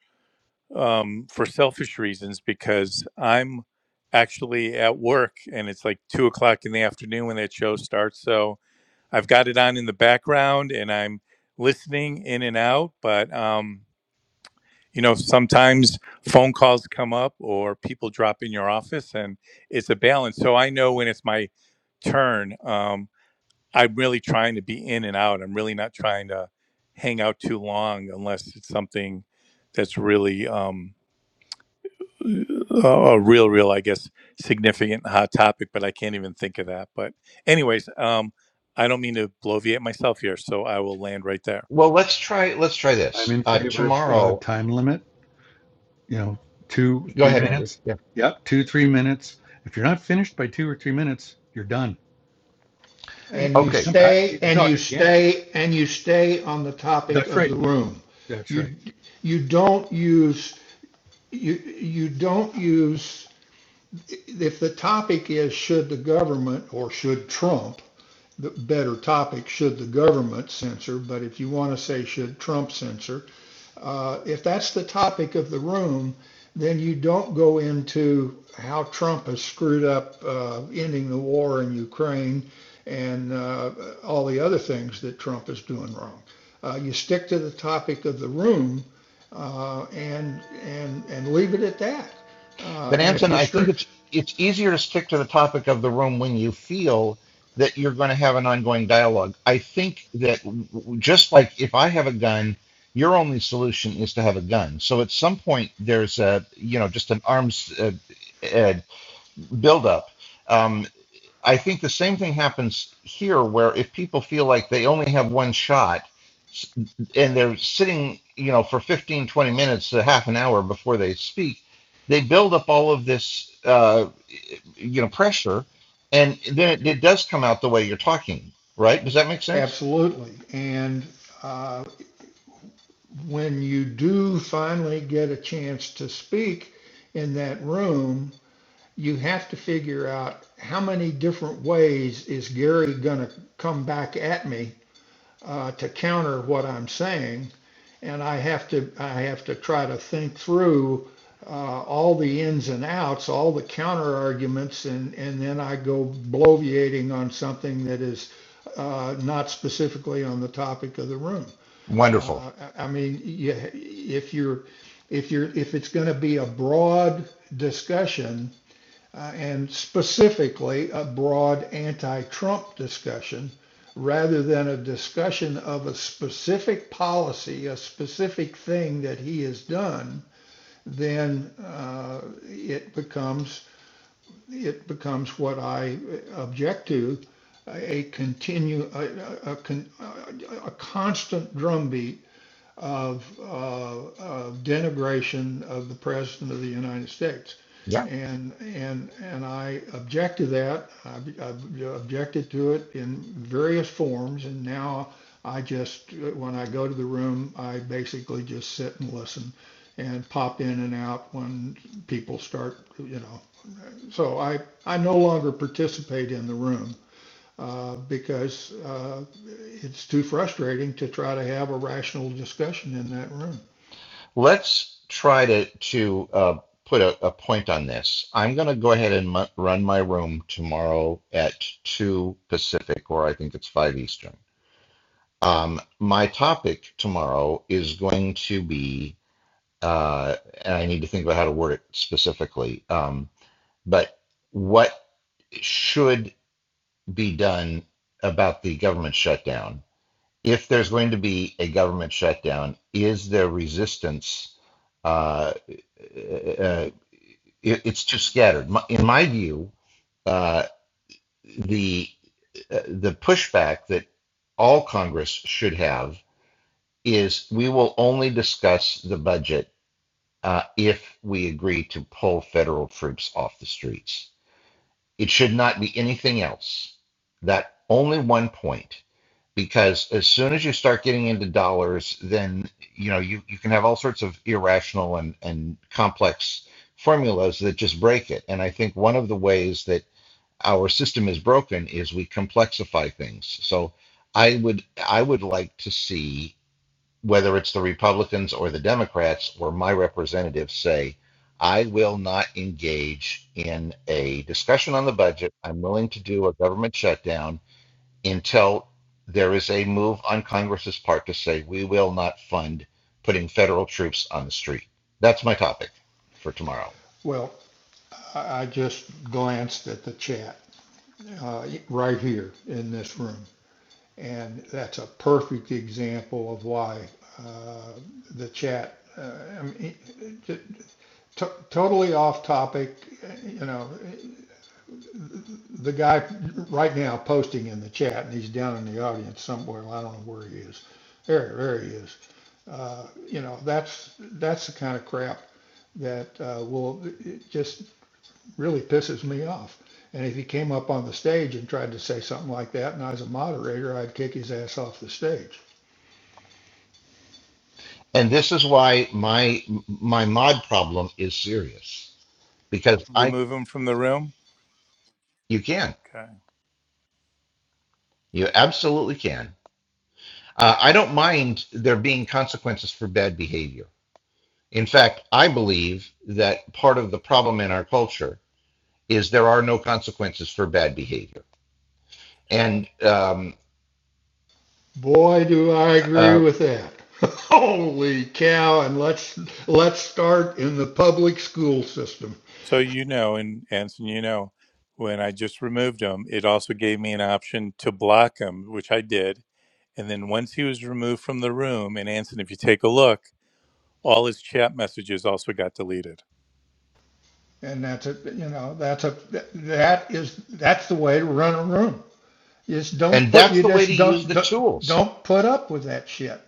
um, for selfish reasons because I'm actually at work and it's like two o'clock in the afternoon when that show starts. So I've got it on in the background and I'm listening in and out, but. Um, you know, sometimes phone calls come up or people drop in your office and it's a balance. So I know when it's my turn, um, I'm really trying to be in and out. I'm really not trying to hang out too long unless it's something that's really um, a a real, real, I guess, significant hot topic, but I can't even think of that. But, anyways, um, I don't mean to bloviate myself here, so I will land right there. Well, let's try let's try I'm this. in Uh, favor of uh, tomorrow, time limit. You know, two, go three ahead, Andrew. minutes. Yeah. Yep, two, three minutes. If you're not finished by two or three minutes, you're done, and And you you can Okay. come back. stay You can and talk you again. stay and you stay on the topic That's of right. the You, room. that's right. You you don't use you you don't use if the topic is should the government or should Trump, the better topic, should the government censor, but if you want to say should Trump censor, uh, if that's the topic of the room, then you don't go into how Trump has screwed up uh, ending the war in Ukraine and uh, all the other things that Trump is doing wrong. Uh, you stick to the topic of the room uh, and and and leave it at that. Uh, But and if Anton, you I think stri- it's it's easier to stick to the topic of the room when you feel that you're going to have an ongoing dialogue. I think that w- w- just like if I have a gun, your only solution is to have a gun. So at some point there's a you know just an arms uh, uh, buildup. Um, I think the same thing happens here, where if people feel like they only have one shot and they're sitting, you know, for 15, 20 minutes to half an hour before they speak, they build up all of this, uh, you know, pressure. And then it, it does come out the way you're talking, right? Does that make sense? Absolutely. And uh, when you do finally get a chance to speak in that room, you have to figure out how many different ways is Gary going to come back at me uh, to counter what I'm saying, and I have to I have to try to think through uh, all the ins and outs, all the counter arguments, and and then I go bloviating on something that is uh, not specifically on the topic of the room. Wonderful. Uh, I mean, yeah, if you're, if you're, if it's going to be a broad discussion uh, and specifically a broad anti-Trump discussion, rather than a discussion of a specific policy, a specific thing that he has done, then uh, it becomes it becomes what I object to, a continue a, a, a a constant drumbeat of, uh, of denigration of the President of the United States. Yeah. And, and, and I object to that. I, I objected to it in various forms. And now I just, when I go to the room, I basically just sit and listen and pop in and out when people start, you know. So I, I no longer participate in the room uh, because uh, it's too frustrating to try to have a rational discussion in that room. Let's try to, to uh, put a, a point on this. I'm going to go ahead and mu- run my room tomorrow at 2 Pacific, or I think it's 5 Eastern. Um, my topic tomorrow is going to be, uh, and I need to think about how to word it specifically, um, but what should be done about the government shutdown? If there's going to be a government shutdown, is there resistance? Uh, uh, it, it's too scattered. In my view, uh, the uh, the pushback that all Congress should have is we will only discuss the budget uh, if we agree to pull federal troops off the streets. It should not be anything else. That only one point, because as soon as you start getting into dollars, then you know you, you can have all sorts of irrational and, and complex formulas that just break it. And I think one of the ways that our system is broken is we complexify things. So I would I would like to see whether it's the Republicans or the Democrats or my representatives say, I will not engage in a discussion on the budget. I'm willing to do a government shutdown until there is a move on Congress's part to say we will not fund putting federal troops on the street. That's my topic for tomorrow. Well, I just glanced at the chat uh, right here in this room, and that's a perfect example of why uh, the chat. Uh, I mean, it- totally off topic, you know. the guy right now posting in the chat, and he's down in the audience somewhere. I don't know where he is. There, there he is. Uh, you know, that's that's the kind of crap that uh, will it just really pisses me off. And if he came up on the stage and tried to say something like that, and I was a moderator, I'd kick his ass off the stage. And this is why my my mod problem is serious because I Remove him from the room. you can. Okay. You absolutely can Uh, I don't mind there being consequences for bad behavior. In fact, I believe that part of the problem in our culture is there are no consequences for bad behavior, and um, Boy, do I agree uh, with that. [laughs] Holy cow! And let's let's start in the public school system. So you know, and Anson, you know, when I just removed him, it also gave me an option to block him, which I did. And then once he was removed from the room, and Anson, if you take a look, all his chat messages also got deleted. And that's a, you know, that's a, that is, that's the way to run a room. You just don't and put, that's you the way to just use don't, the don't, tools. don't put up with that shit.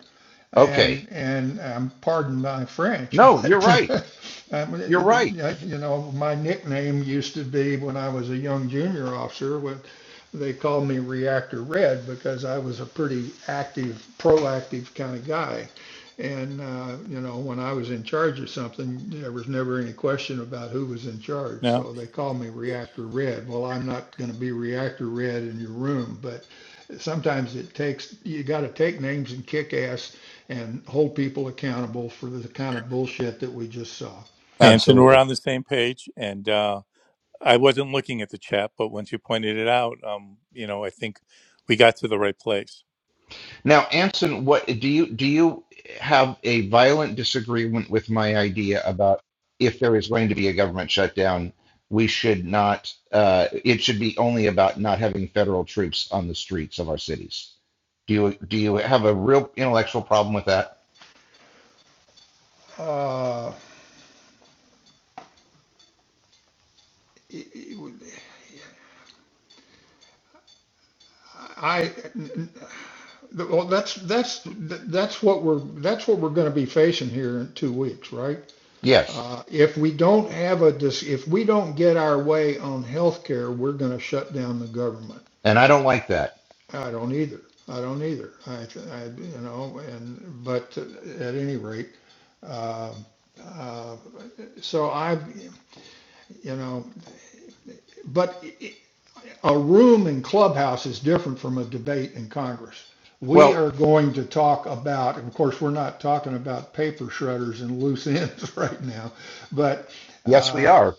Okay, And, and um, pardon my French, no, you're but, right. You're right. [laughs] you know, my nickname used to be when I was a young junior officer, when they called me Reactor Red because I was a pretty active, proactive kind of guy. And, uh, you know, when I was in charge of something, there was never any question about who was in charge. No, So they called me Reactor Red. Well, I'm not going to be Reactor Red in your room, but sometimes it takes, you got to take names and kick ass and hold people accountable for the kind of bullshit that we just saw. Anson, we're Absolutely. on the same page, and uh, I wasn't looking at the chat, but once you pointed it out, um, you know, I think we got to the right place. Now, Anson, what do you do you have a violent disagreement with my idea about if there is going to be a government shutdown, we should not uh, it should be only about not having federal troops on the streets of our cities. Do you do you have a real intellectual problem with that? Uh, I, well, that's, that's, that's what we're, that's what we're going to be facing here in two weeks, right? Yes. Uh, if we don't have a, if we don't get our way on healthcare, we're going to shut down the government. And I don't like that. I don't either. I don't either. I, I you know, and but at any rate, uh, uh, so I, you know, but a room in clubhouse is different from a debate in Congress. We Well, are going to talk about, of course, we're not talking about paper shredders and loose ends [laughs] right now, but yes, we uh, are.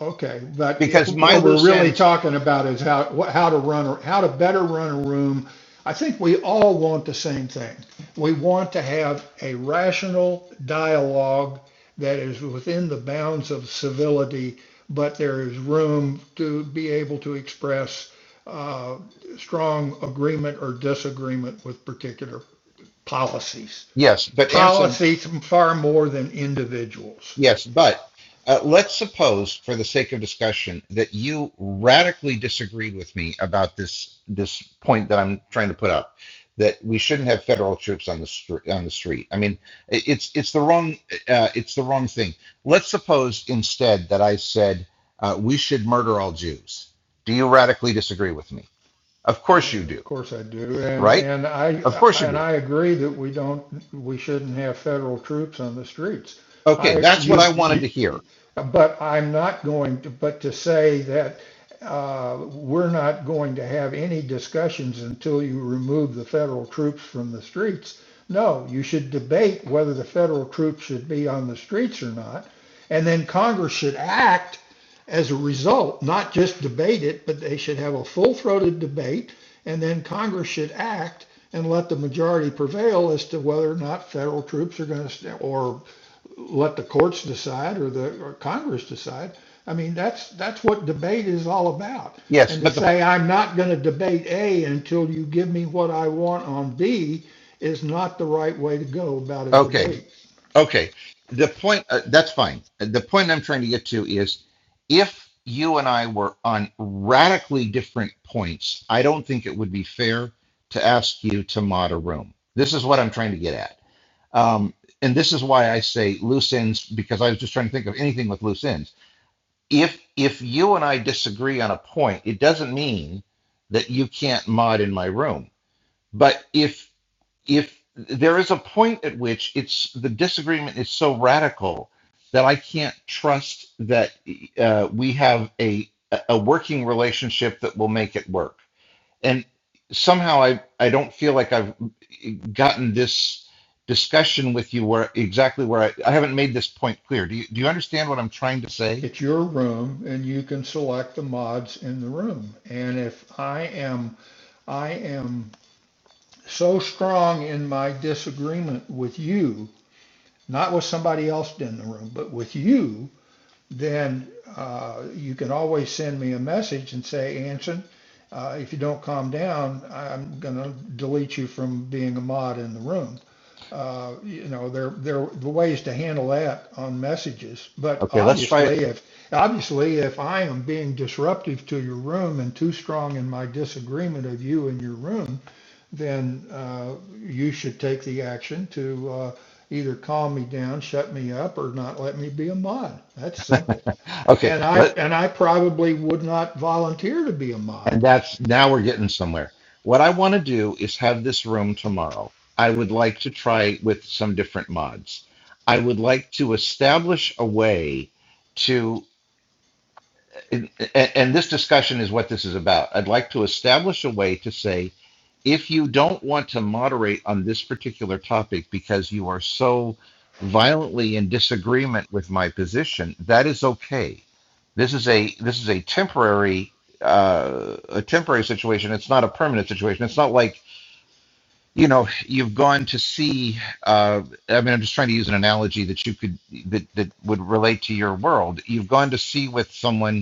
Okay, but if Because my what we're loose really ends, talking about is how how to run or how to better run a room, I think we all want the same thing. We want to have a rational dialogue that is within the bounds of civility, but there is room to be able to express uh, strong agreement or disagreement with particular policies. yes, but Anson, Policies far more than individuals. Yes, but uh, let's suppose, for the sake of discussion, that you radically disagreed with me about this this point that I'm trying to put up, that we shouldn't have federal troops on the street. On the street, I mean, i- it's it's the wrong uh, it's the wrong thing. Let's suppose instead that I said uh, we should murder all Jews. Do you radically disagree with me? Of Uh, course you Of do, course I do. And, right? and I, Of course you and do. I agree that we don't, we shouldn't have federal troops on the streets. Okay, I, that's what you, I you, wanted to hear. but I'm not going to, but to say that uh, we're not going to have any discussions until you remove the federal troops from the streets. No, you should debate whether the federal troops should be on the streets or not. And then Congress should act as a result, not just debate it, but they should have a full throated debate. And then Congress should act and let the majority prevail as to whether or not federal troops are going to, or let the courts decide or the or Congress decide. I mean, that's that's what debate is all about. Yes, And to but the say I'm not going to debate A until you give me what I want on B is not the right way to go about a okay. debate. Okay. The point, uh, that's fine. Uh, The point I'm trying to get to is if you and I were on radically different points, I don't think it would be fair to ask you to mod a room. This is what I'm trying to get at. Um, and this is why I say loose ends, because I was just trying to think of anything with loose ends. If if you and I disagree on a point, it doesn't mean that you can't mod in my room. But if if there is a point at which it's the disagreement is so radical that I can't trust that uh, we have a a working relationship that will make it work. And somehow I I don't feel like I've gotten this discussion with you where exactly where I, I haven't made this point clear. Do you do you understand what I'm trying to say? It's your room and you can select the mods in the room. And if I am I am so strong in my disagreement with you, not with somebody else in the room, but with you, then uh, you can always send me a message and say, Anson, uh, if you don't calm down, I'm going to delete you from being a mod in the room. Uh, you know, there there are ways to handle that on messages. But Okay, let's try it. obviously, if obviously if I am being disruptive to your room and too strong in my disagreement of you and your room, then uh, you should take the action to uh, either calm me down, shut me up, or not let me be a mod. That's simple. Okay, And I let. and I probably would not volunteer to be a And mod. that's now we're getting somewhere. What I want to do is have this room tomorrow. I would like to try with some different mods. I would like to establish a way to and, and this discussion is what this is about. I'd like to establish a way to say if you don't want to moderate on this particular topic because you are so violently in disagreement with my position, that is okay. This is a this is a temporary uh, a temporary situation. It's not a permanent situation. It's not like you know you've gone to see. Uh, I mean, I'm just trying to use an analogy that you could that that would relate to your world. You've gone to see with someone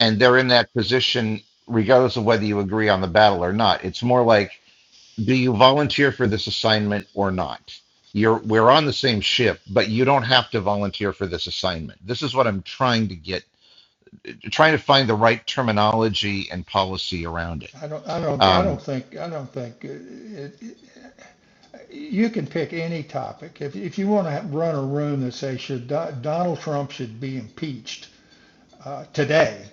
and they're in that position regardless of whether you agree on the battle or not. It's more like, do you volunteer for this assignment or not? You're we're on the same ship, but you don't have to volunteer for this assignment. This is what I'm trying to get, trying to find the right terminology and policy around it. I don't I don't I don't Um, think I don't think it, it- you can pick any topic. If if you want to run a room that says should Do- Donald Trump should be impeached uh, today,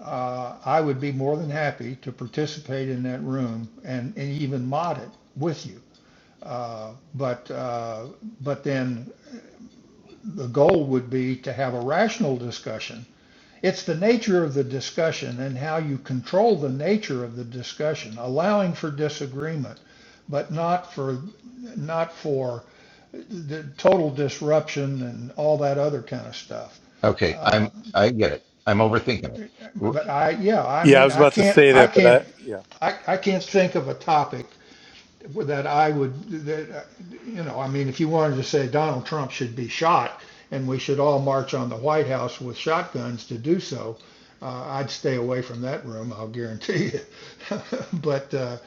uh, I would be more than happy to participate in that room and, and even mod it with you. Uh, but uh, but then the goal would be to have a rational discussion It's the nature of the discussion and how you control the nature of the discussion, allowing for disagreement, but not for not for the total disruption and all that other kind of stuff. okay, Uh, I'm I get it. I'm overthinking it. but I, yeah, I Yeah, I mean, was I about to can't, say I that, but can't, I, yeah, I, I can't think of a topic well, that I would, that, uh, you know, I mean, if you wanted to say Donald Trump should be shot and we should all march on the White House with shotguns to do so, uh, I'd stay away from that room, I'll guarantee you. [laughs] but uh,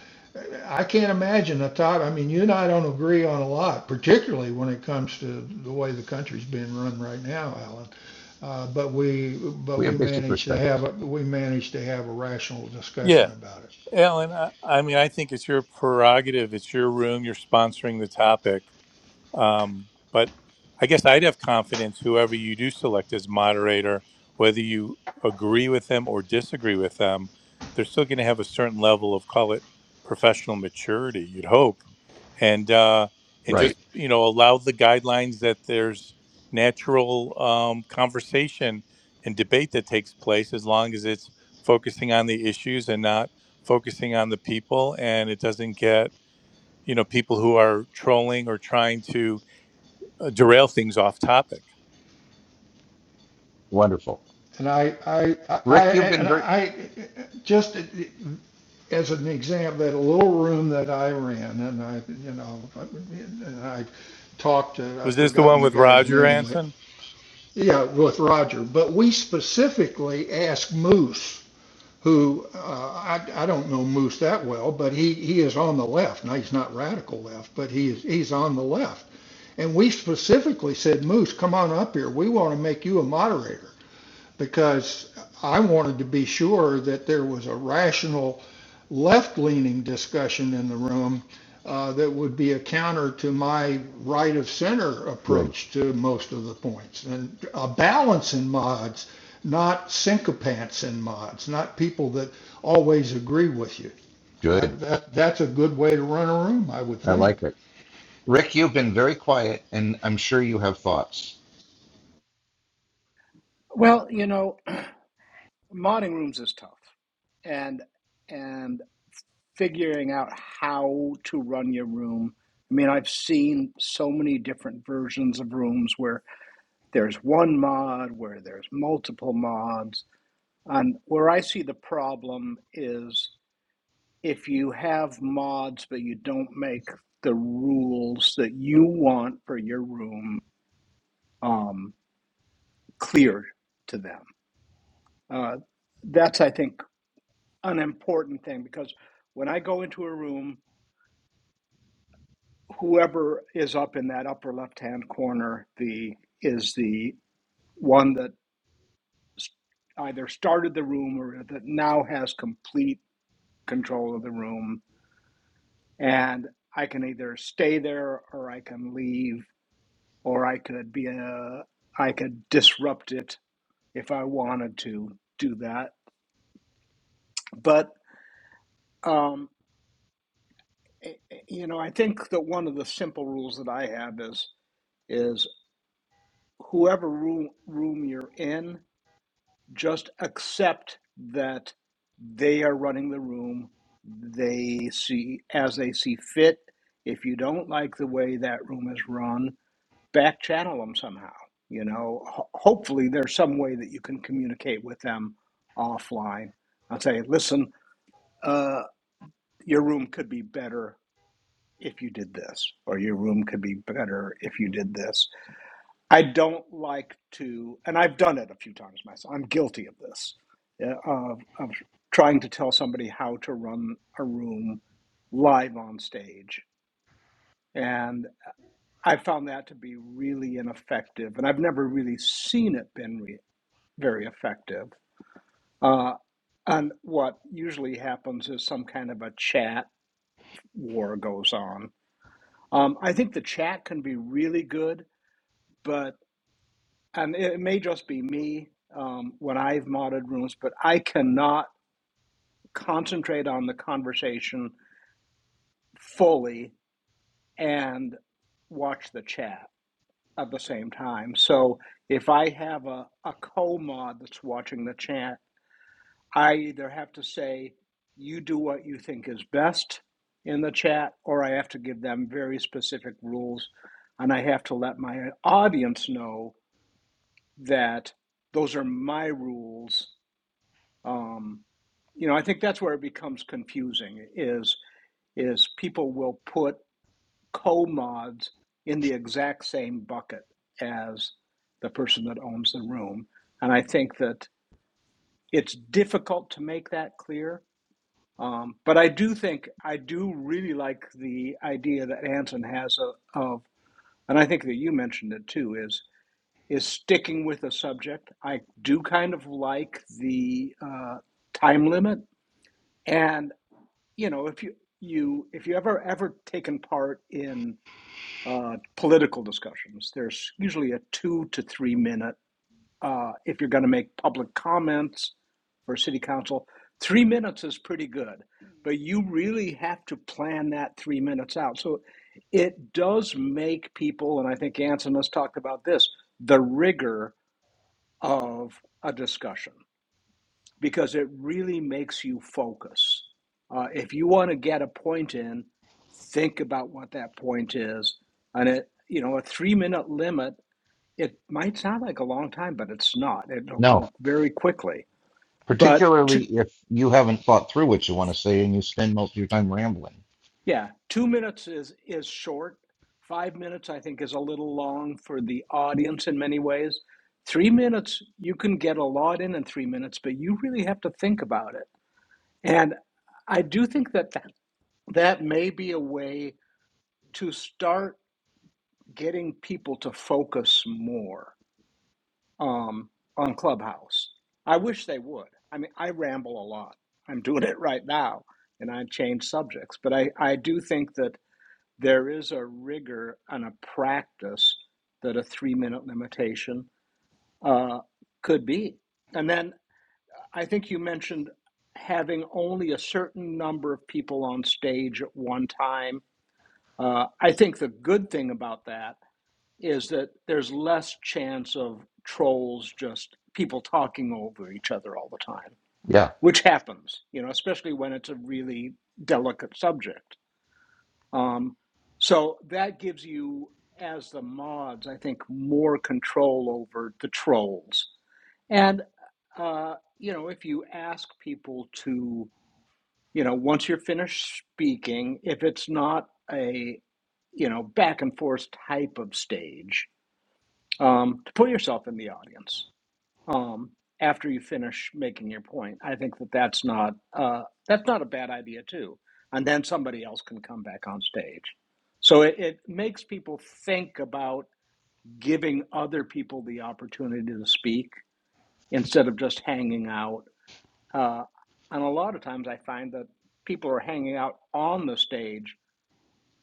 I can't imagine a top, I mean, you and I don't agree on a lot, particularly when it comes to the way the country's being run right now, Alan. Uh, but we, but We we have basic managed to respect, have, a, we managed to have a rational yeah, discussion about it. Alan. I, I mean, I think it's your prerogative. It's your room. You're sponsoring the topic. Um, but I guess I'd have confidence whoever you do select as moderator, whether you agree with them or disagree with them, they're still going to have a certain level of call it professional maturity. You'd hope, and uh, and just right? you know allow the guidelines that there's natural um, conversation and debate that takes place as long as it's focusing on the issues and not focusing on the people and it doesn't get you know people who are trolling or trying to uh, derail things off topic. Wonderful, And I, I, I, I, Rick. You've been and very I, just as an example, that little room that I ran, and I, you know, and I talked to, I've Was this the forgotten one the with guy's Roger name, that, Anson? yeah, with Roger, but we specifically asked Moose, who, uh, I, I don't know Moose that well, but he, he is on the left. Now, he's not radical left, but he is, he's on the left. And we specifically said, Moose, come on up here. We want to make you a moderator because I wanted to be sure that there was a rational left-leaning discussion in the room uh, that would be a counter to my right of center good. approach to most of the points and a balance in mods, not sycophants in mods, not people that always agree with you. Good. That, that, that's a good way to run a room, I would I think. like it, Rick. You've been very quiet, and I'm sure you have thoughts. Well, you know, [clears throat] modding rooms is tough, and and figuring out how to run your room. I mean, I've seen so many different versions of rooms where there's one mod, where there's multiple mods, and where I see the problem is if you have mods but you don't make the rules that you want for your room um, clear to them. Uh, that's, I think an important thing because when I go into a room, whoever is up in that upper left hand corner, the is the one that s- either started the room or that now has complete control of the room, and I can either stay there or I can leave or I could be a I could disrupt it if I wanted to do that, but. Um, eh, eh, you know, I think that one of the simple rules that I have is is whoever room room you're in, just accept that they are running the room. They see as they see fit. If you don't like the way that room is run, back channel them somehow. You know, Ho- hopefully there's some way that you can communicate with them offline and say, listen, uh, your room could be better if you did this, or your room could be better if you did this I don't like to, and I've done it a few times myself. I'm guilty of this, yeah, of, of trying to tell somebody how to run a room live on stage. And I found that to be really ineffective. And I've never really seen it been re- very effective. Uh, and what usually happens is some kind of a chat war goes on. Um, I think the chat can be really good, but and it may just be me um, when I've modded rooms, but I cannot concentrate on the conversation fully and watch the chat at the same time. So if I have a, a co mod that's watching the chat, I either have to say, you do what you think is best in the chat, or I have to give them very specific rules. And I have to let my audience know that those are my rules Um, you know, I think that's where it becomes confusing is is people will put co-mods in the exact same bucket as the person that owns the room. And I think that it's difficult to make that clear. Um, but I do think I do really like the idea that Anson has of, and I think that you mentioned it too, is is sticking with a subject. I do kind of like the uh, time limit, and. you know, if you you if you ever ever taken part in uh, political discussions, there's usually a two to three minute. Uh, if you're going to make public comments for city council, three minutes is pretty good, but you really have to plan that three minutes out. So it does make people, and I think Anson has talked about this, the rigor of a discussion because it really makes you focus. Uh, if you want to get a point in, think about what that point is. And it, you know, a three minute limit, it might sound like a long time, but it's not. It'll No, go very quickly. But particularly two, if you haven't thought through what you want to say and you spend most of your time rambling. yeah, two minutes is, is short. Five minutes, I think, is a little long for the audience in many ways. Three minutes, you can get a lot in in three minutes, but you really have to think about it. And I do think that that may be a way to start getting people to focus more um, on Clubhouse. I wish they would. I mean, I ramble a lot. I'm doing it right now, and I change subjects. But I, I do think that there is a rigor and a practice that a three minute limitation uh, could be. And then I think you mentioned having only a certain number of people on stage at one time Uh, I think the good thing about that is that there's less chance of trolls just people talking over each other all the time, Yeah. which happens, you know, especially when it's a really delicate subject. Um, so that gives you, as the mods, I think, more control over the trolls. And, uh, you know, if you ask people to you know once you're finished speaking if it's not a you know back and forth type of stage um, to put yourself in the audience um, after you finish making your point i think that that's not uh, that's not a bad idea too and then somebody else can come back on stage so it, it makes people think about giving other people the opportunity to speak instead of just hanging out uh, and a lot of times I find that people are hanging out on the stage,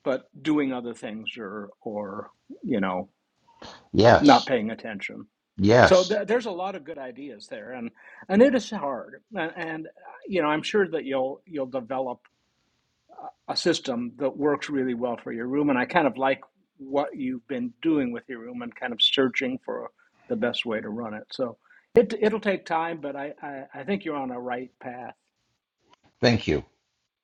but doing other things or, or you know, not Yes. paying attention. So Yes. th- there's a lot of good ideas there, and and it is hard. And, and uh, you know, I'm sure that you'll you'll develop a a system that works really well for your room. And I kind of like what you've been doing with your room and kind of searching for the best way to run it. So it it'll take time, but I I, I think you're on a right path. Thank you.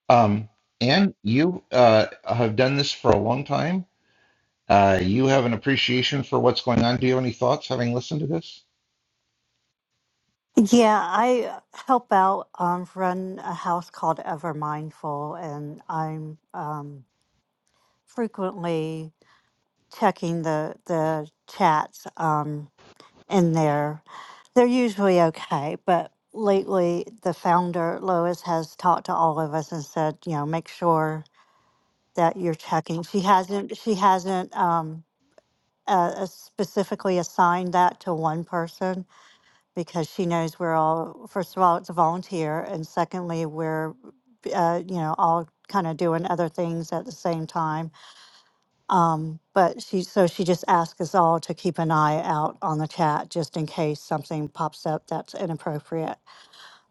Um, and you uh, have done this for a long time. Uh, you have an appreciation for what's going on. Do you have any thoughts having listened to this? Yeah, I help out um, run a house called Ever Mindful, and I'm um, frequently checking the the chats um, in there. They're usually okay, but lately the founder Lois has talked to all of us and said, you know, make sure that you're checking. She hasn't she hasn't um, uh, uh, specifically assigned that to one person because she knows we're all, first of all, it's a volunteer, and secondly, we're, uh, you know, all kind of doing other things at the same time. Um, but she, so she just asked us all to keep an eye out on the chat just in case something pops up that's inappropriate.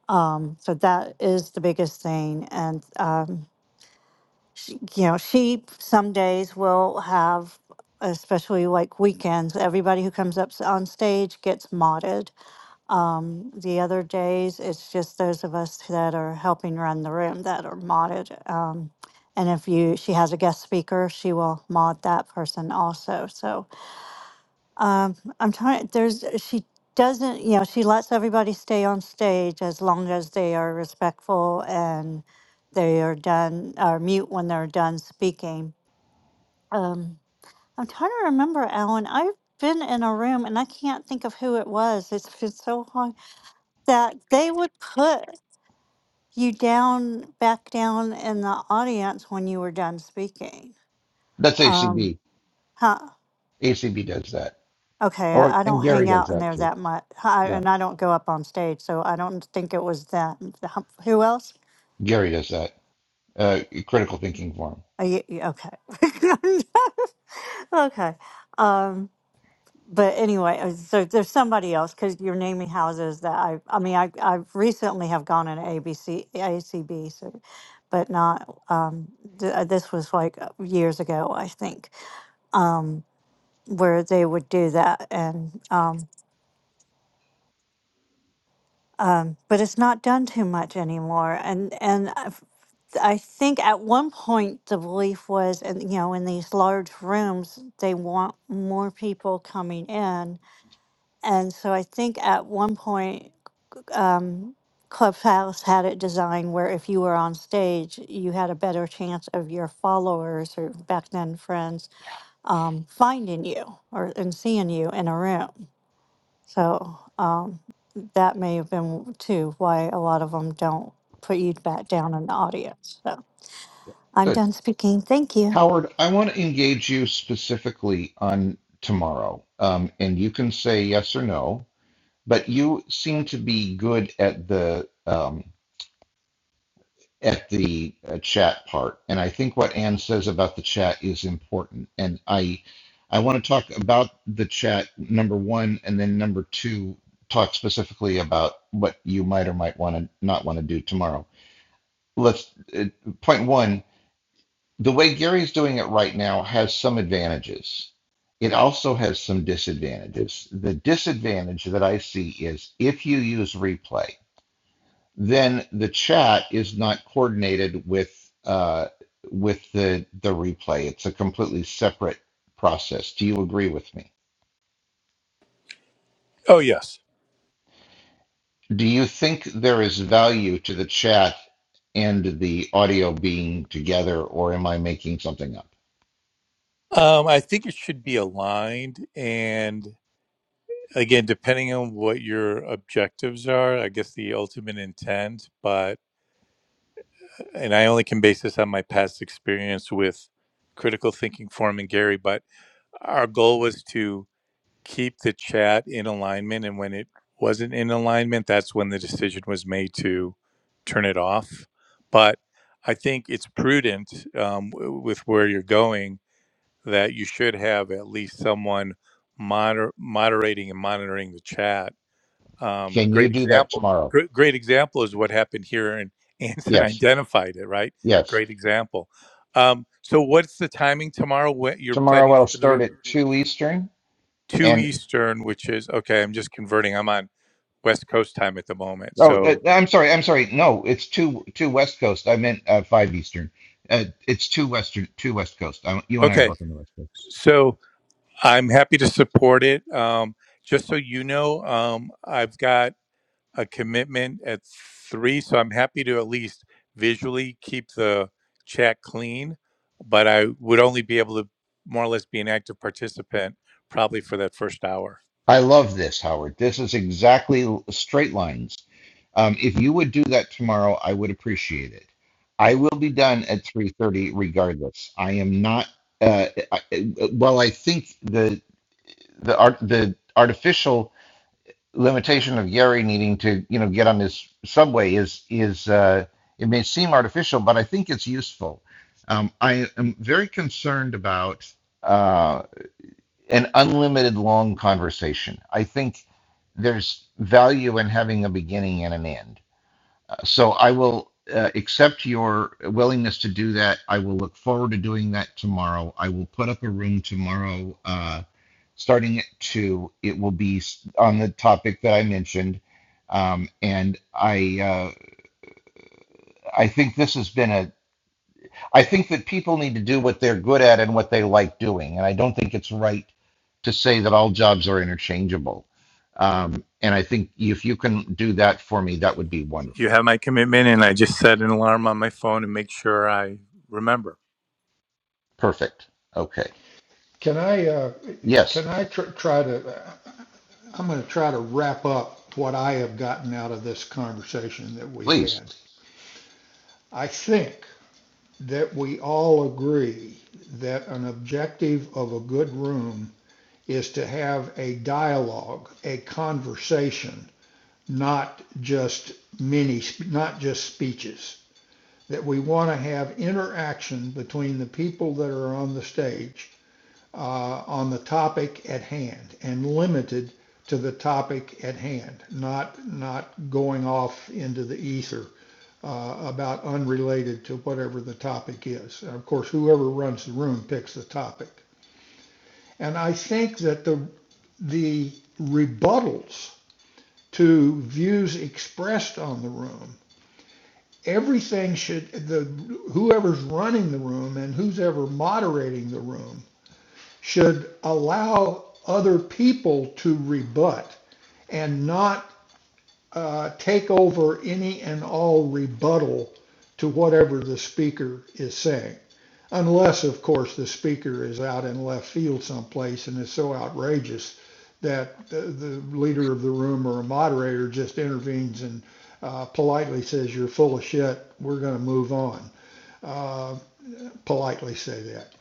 Um, so that is the biggest thing. And, um, she, you know, she some days will have, especially like weekends, everybody who comes up s- on stage gets modded um, the other days, it's just those of us that are helping run the room that are modded. Um, and if you, she has a guest speaker, she will mod that person also. So um, I'm trying. There's she doesn't, you know, she lets everybody stay on stage as long as they are respectful and they are done or mute when they're done speaking. Um, I'm trying to remember, Alan. I've been in a room and I can't think of who it was. It's been so that they would put you down back down in the audience when you were done speaking That's A C um B. huh A C B does that. okay Oh, i, I and don't Gary hang does out in that there too. that much I, Yeah. and i don't go up on stage so i don't think it was that who else Gary does that. Uh, critical thinking forum. Are you, you- okay [laughs] okay um but anyway, uh, so there's somebody else because you're naming houses that I, I mean, I, I recently have gone in ABC, ACB, so, but not, um, th- uh, this was like uh, years ago, I think, um, where they would do that. And, um, um, but it's not done too much anymore. And, and I f- I think at one point the belief was, and you know, in these large rooms, they want more people coming in. And so I think at one point um, Clubhouse had it designed where if you were on stage, you had a better chance of your followers or back then friends Yeah. um, finding you or and seeing you in a room. So that may have been too why a lot of them don't put you back down in the audience. So I'm Good. done speaking. Thank you. Howard, I want to engage you specifically on tomorrow, um, and you can say yes or no. But you seem to be good at the um, at the uh, chat part, and I think what Anne says about the chat is important. And I I want to talk about the chat number one, and then number two, talk specifically about what you might or might want to not want to do tomorrow. Let's uh, point one. the way Gary's doing it right now has some advantages. It also has some disadvantages. The disadvantage that I see is if you use replay, then the chat is not coordinated with uh, with the the replay. It's a completely separate process. Do you agree with me? Oh, yes. Do you think there is value to the chat and the audio being together, or am I making something up? Um, I think it should be aligned. And again, depending on what your objectives are, I guess the ultimate intent. but. and I only can base this on my past experience with critical thinking forum and Gary, but our goal was to keep the chat in alignment. And when it wasn't in alignment, that's when the decision was made to turn it off. But I think it's prudent um, w- with where you're going that you should have at least someone moder- moderating and monitoring the chat um, Can you great do that example. tomorrow? Great, great example is what happened here, and Anson [laughs] Yes. identified it. Right, Yes. great example. Um, so, what's the timing tomorrow? When you're Tomorrow planning to I'll open the start room at two Eastern two and Eastern, which is okay. I'm just converting. I'm on West Coast time at the moment. oh, uh, So, I'm sorry, I'm sorry. No, it's two two West Coast. I meant uh, five Eastern. Uh, it's two Western, two West Coast. I, you and I are okay. both on the West Coast. So, I'm happy to support it. Um, just so you know, um, I've got a commitment at three, so I'm happy to at least visually keep the chat clean, but I would only be able to more or less be an active participant probably for that first hour. I love this, Howard. This is exactly l- straight lines. Um, if you would do that tomorrow, I would appreciate it. I will be done at 3:30 regardless. I am not. Uh, I, I- while I think the the art the artificial limitation of Yeri needing to, you know, get on this subway is is uh, it may seem artificial, but I think it's useful. Um, I am very concerned about uh, an unlimited long conversation. I think there's value in having a beginning and an end. Uh, so I will uh, accept your willingness to do that. I will look forward to doing that tomorrow. I will put up a room tomorrow. Uh, starting at two, it will be on the topic that I mentioned. Um, and I, uh, I think this has been a, I think that people need to do what they're good at and what they like doing. And I don't think it's right to say that all jobs are interchangeable. Um, and I think if you can do that for me, that would be You wonderful. have my commitment, and I just set an alarm on my phone and make sure I remember. Perfect. Okay. Can I uh, can Yes, I tr- try to? I'm going to try to wrap up what I have gotten out of this conversation that we've please. had. I think that we all agree that an objective of a good room is to have a dialogue, a conversation, not just many, not just speeches. That we want to have interaction between the people that are on the stage uh, on the topic at hand and limited to the topic at hand, not, not going off into the ether uh, about unrelated to whatever the topic is. And Of course, whoever runs the room picks the topic. And I think that the, the rebuttals to views expressed on the room everything should the whoever's running the room and who's ever moderating the room should allow other people to rebut and not uh, take over any and all rebuttal to whatever the speaker is saying. Unless, of course, the speaker is out in left field someplace and is so outrageous that the, the leader of the room or a moderator just intervenes and uh, politely says, You're full of shit. We're going to move on. Uh, politely say that.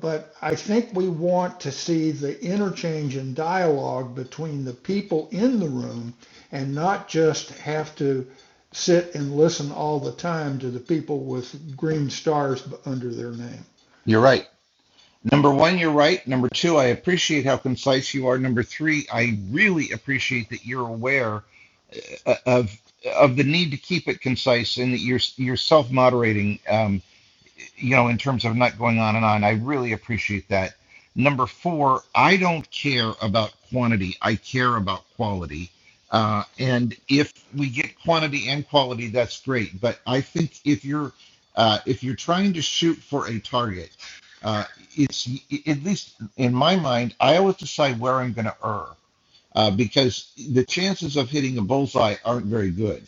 But I think we want to see the interchange and dialogue between the people in the room and not just have to sit and listen all the time to the people with green stars under their name. You're right. Number one, you're right. Number two, I appreciate how concise you are. Number three, I really appreciate that you're aware uh, of of the need to keep it concise and that you're you're self-moderating um you know in terms of not going on and on i really appreciate that number four i don't care about quantity i care about quality uh and if we get quantity and quality that's great but i think if you're uh if you're trying to shoot for a target uh it's at least in my mind i always decide where i'm going to err uh, because the chances of hitting a bullseye aren't very good.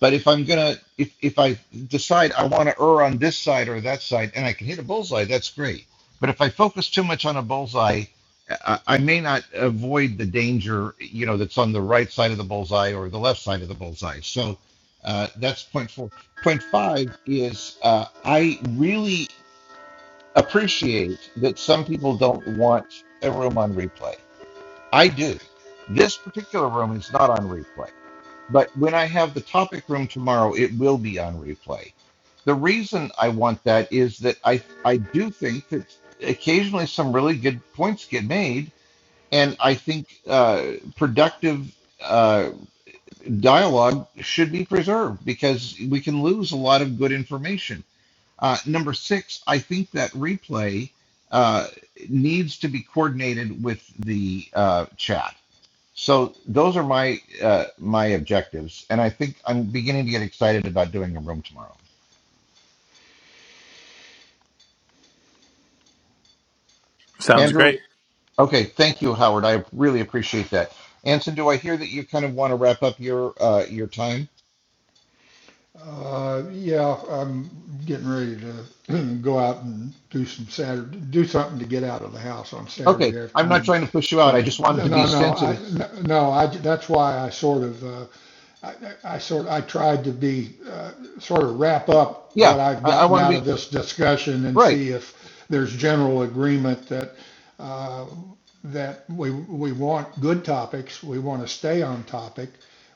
But if I'm gonna, if if I decide I want to err on this side or that side, and I can hit a bullseye, that's great. But if I focus too much on a bullseye, I, I may not avoid the danger, you know, that's on the right side of the bullseye or the left side of the bullseye. So uh, that's point four. Point five is uh, I really appreciate that some people don't want a room on replay I do. This particular room is not on replay, but when I have the topic room tomorrow, it will be on replay. The reason I want that is that I I do think that occasionally some really good points get made, and I think uh, productive uh, dialogue should be preserved because we can lose a lot of good information. Uh, number six, I think that replay uh, needs to be coordinated with the uh, chat so those are my uh, my objectives, and I think I'm beginning to get excited about doing a room tomorrow. Sounds great. Andrew, okay, thank you, Howard. I really appreciate that. Anson, do I hear that you kind of want to wrap up your uh, your time? Uh, yeah, I'm getting ready to [clears throat] go out and do some Saturday, do something to get out of the house on Saturday Okay, I'm not afternoon. trying to push you out. So I just wanted no, to be no, I sensitive. no, I that's why I sort of uh, I, I sort, I tried to be, uh, sort of wrap up what Yeah, I've I, I gotten want to out of be this discussion and right. see if there's general agreement that, uh, that we, we want good topics, we want to stay on topic,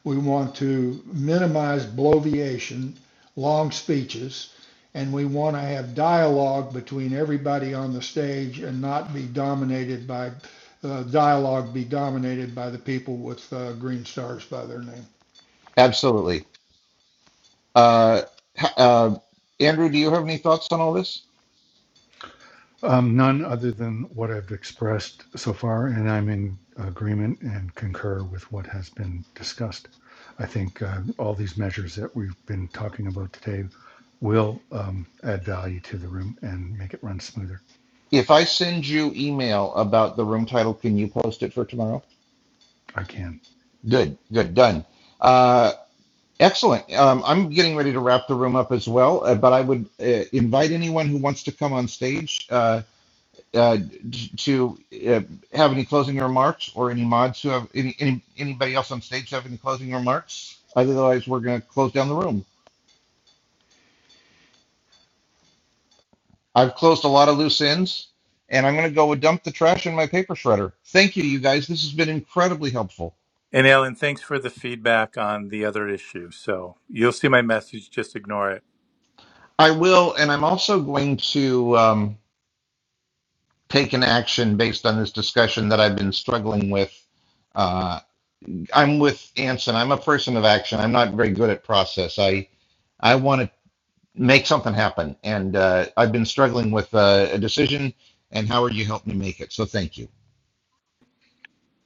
we want to minimize bloviation, long speeches, and we want to have dialogue between everybody on the stage and not be dominated by, uh, dialogue be dominated by the people with uh, green stars by their name. Absolutely. Uh, ha- uh, Andrew, do you have any thoughts on all this? Um, none other than what I've expressed so far, and I'm in agreement and concur with what has been discussed. I think uh, all these measures that we've been talking about today will um, add value to the room and make it run smoother. If I send you email about the room title, can you post it for tomorrow? I can. Good, good, done. Uh, Excellent. Um, I'm getting ready to wrap the room up as well, uh, but I would uh, invite anyone who wants to come on stage uh, uh, to uh, have any closing remarks, or any mods who have any, any anybody else on stage have any closing remarks. Otherwise, we're going to close down the room. I've closed a lot of loose ends, and I'm going to go with dump the trash in my paper shredder. Thank you, you guys. This has been incredibly helpful. And Alan, thanks for the feedback on the other issue. So you'll see my message, just ignore it. I will, and I'm also going to. Um, taken action based on this discussion that I've been struggling with. Uh, I'm with Anson. I'm a person of action. I'm not very good at process. I I want to make something happen, and uh, I've been struggling with uh, a decision. And Howard, you helped me make it, so thank you.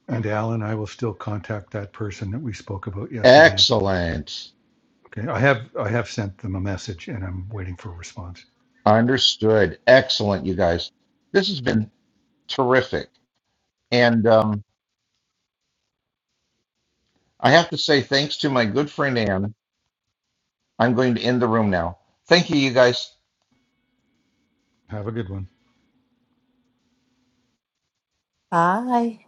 And Alan, I will still contact that person that we spoke about yesterday Excellent. Okay, I have I have sent them a message and I'm waiting for a response. Understood. Excellent, you guys. This has been terrific, and um, I have to say thanks to my good friend Anne. I'm going to end the room now. Thank you, you guys. Have a good one. Bye.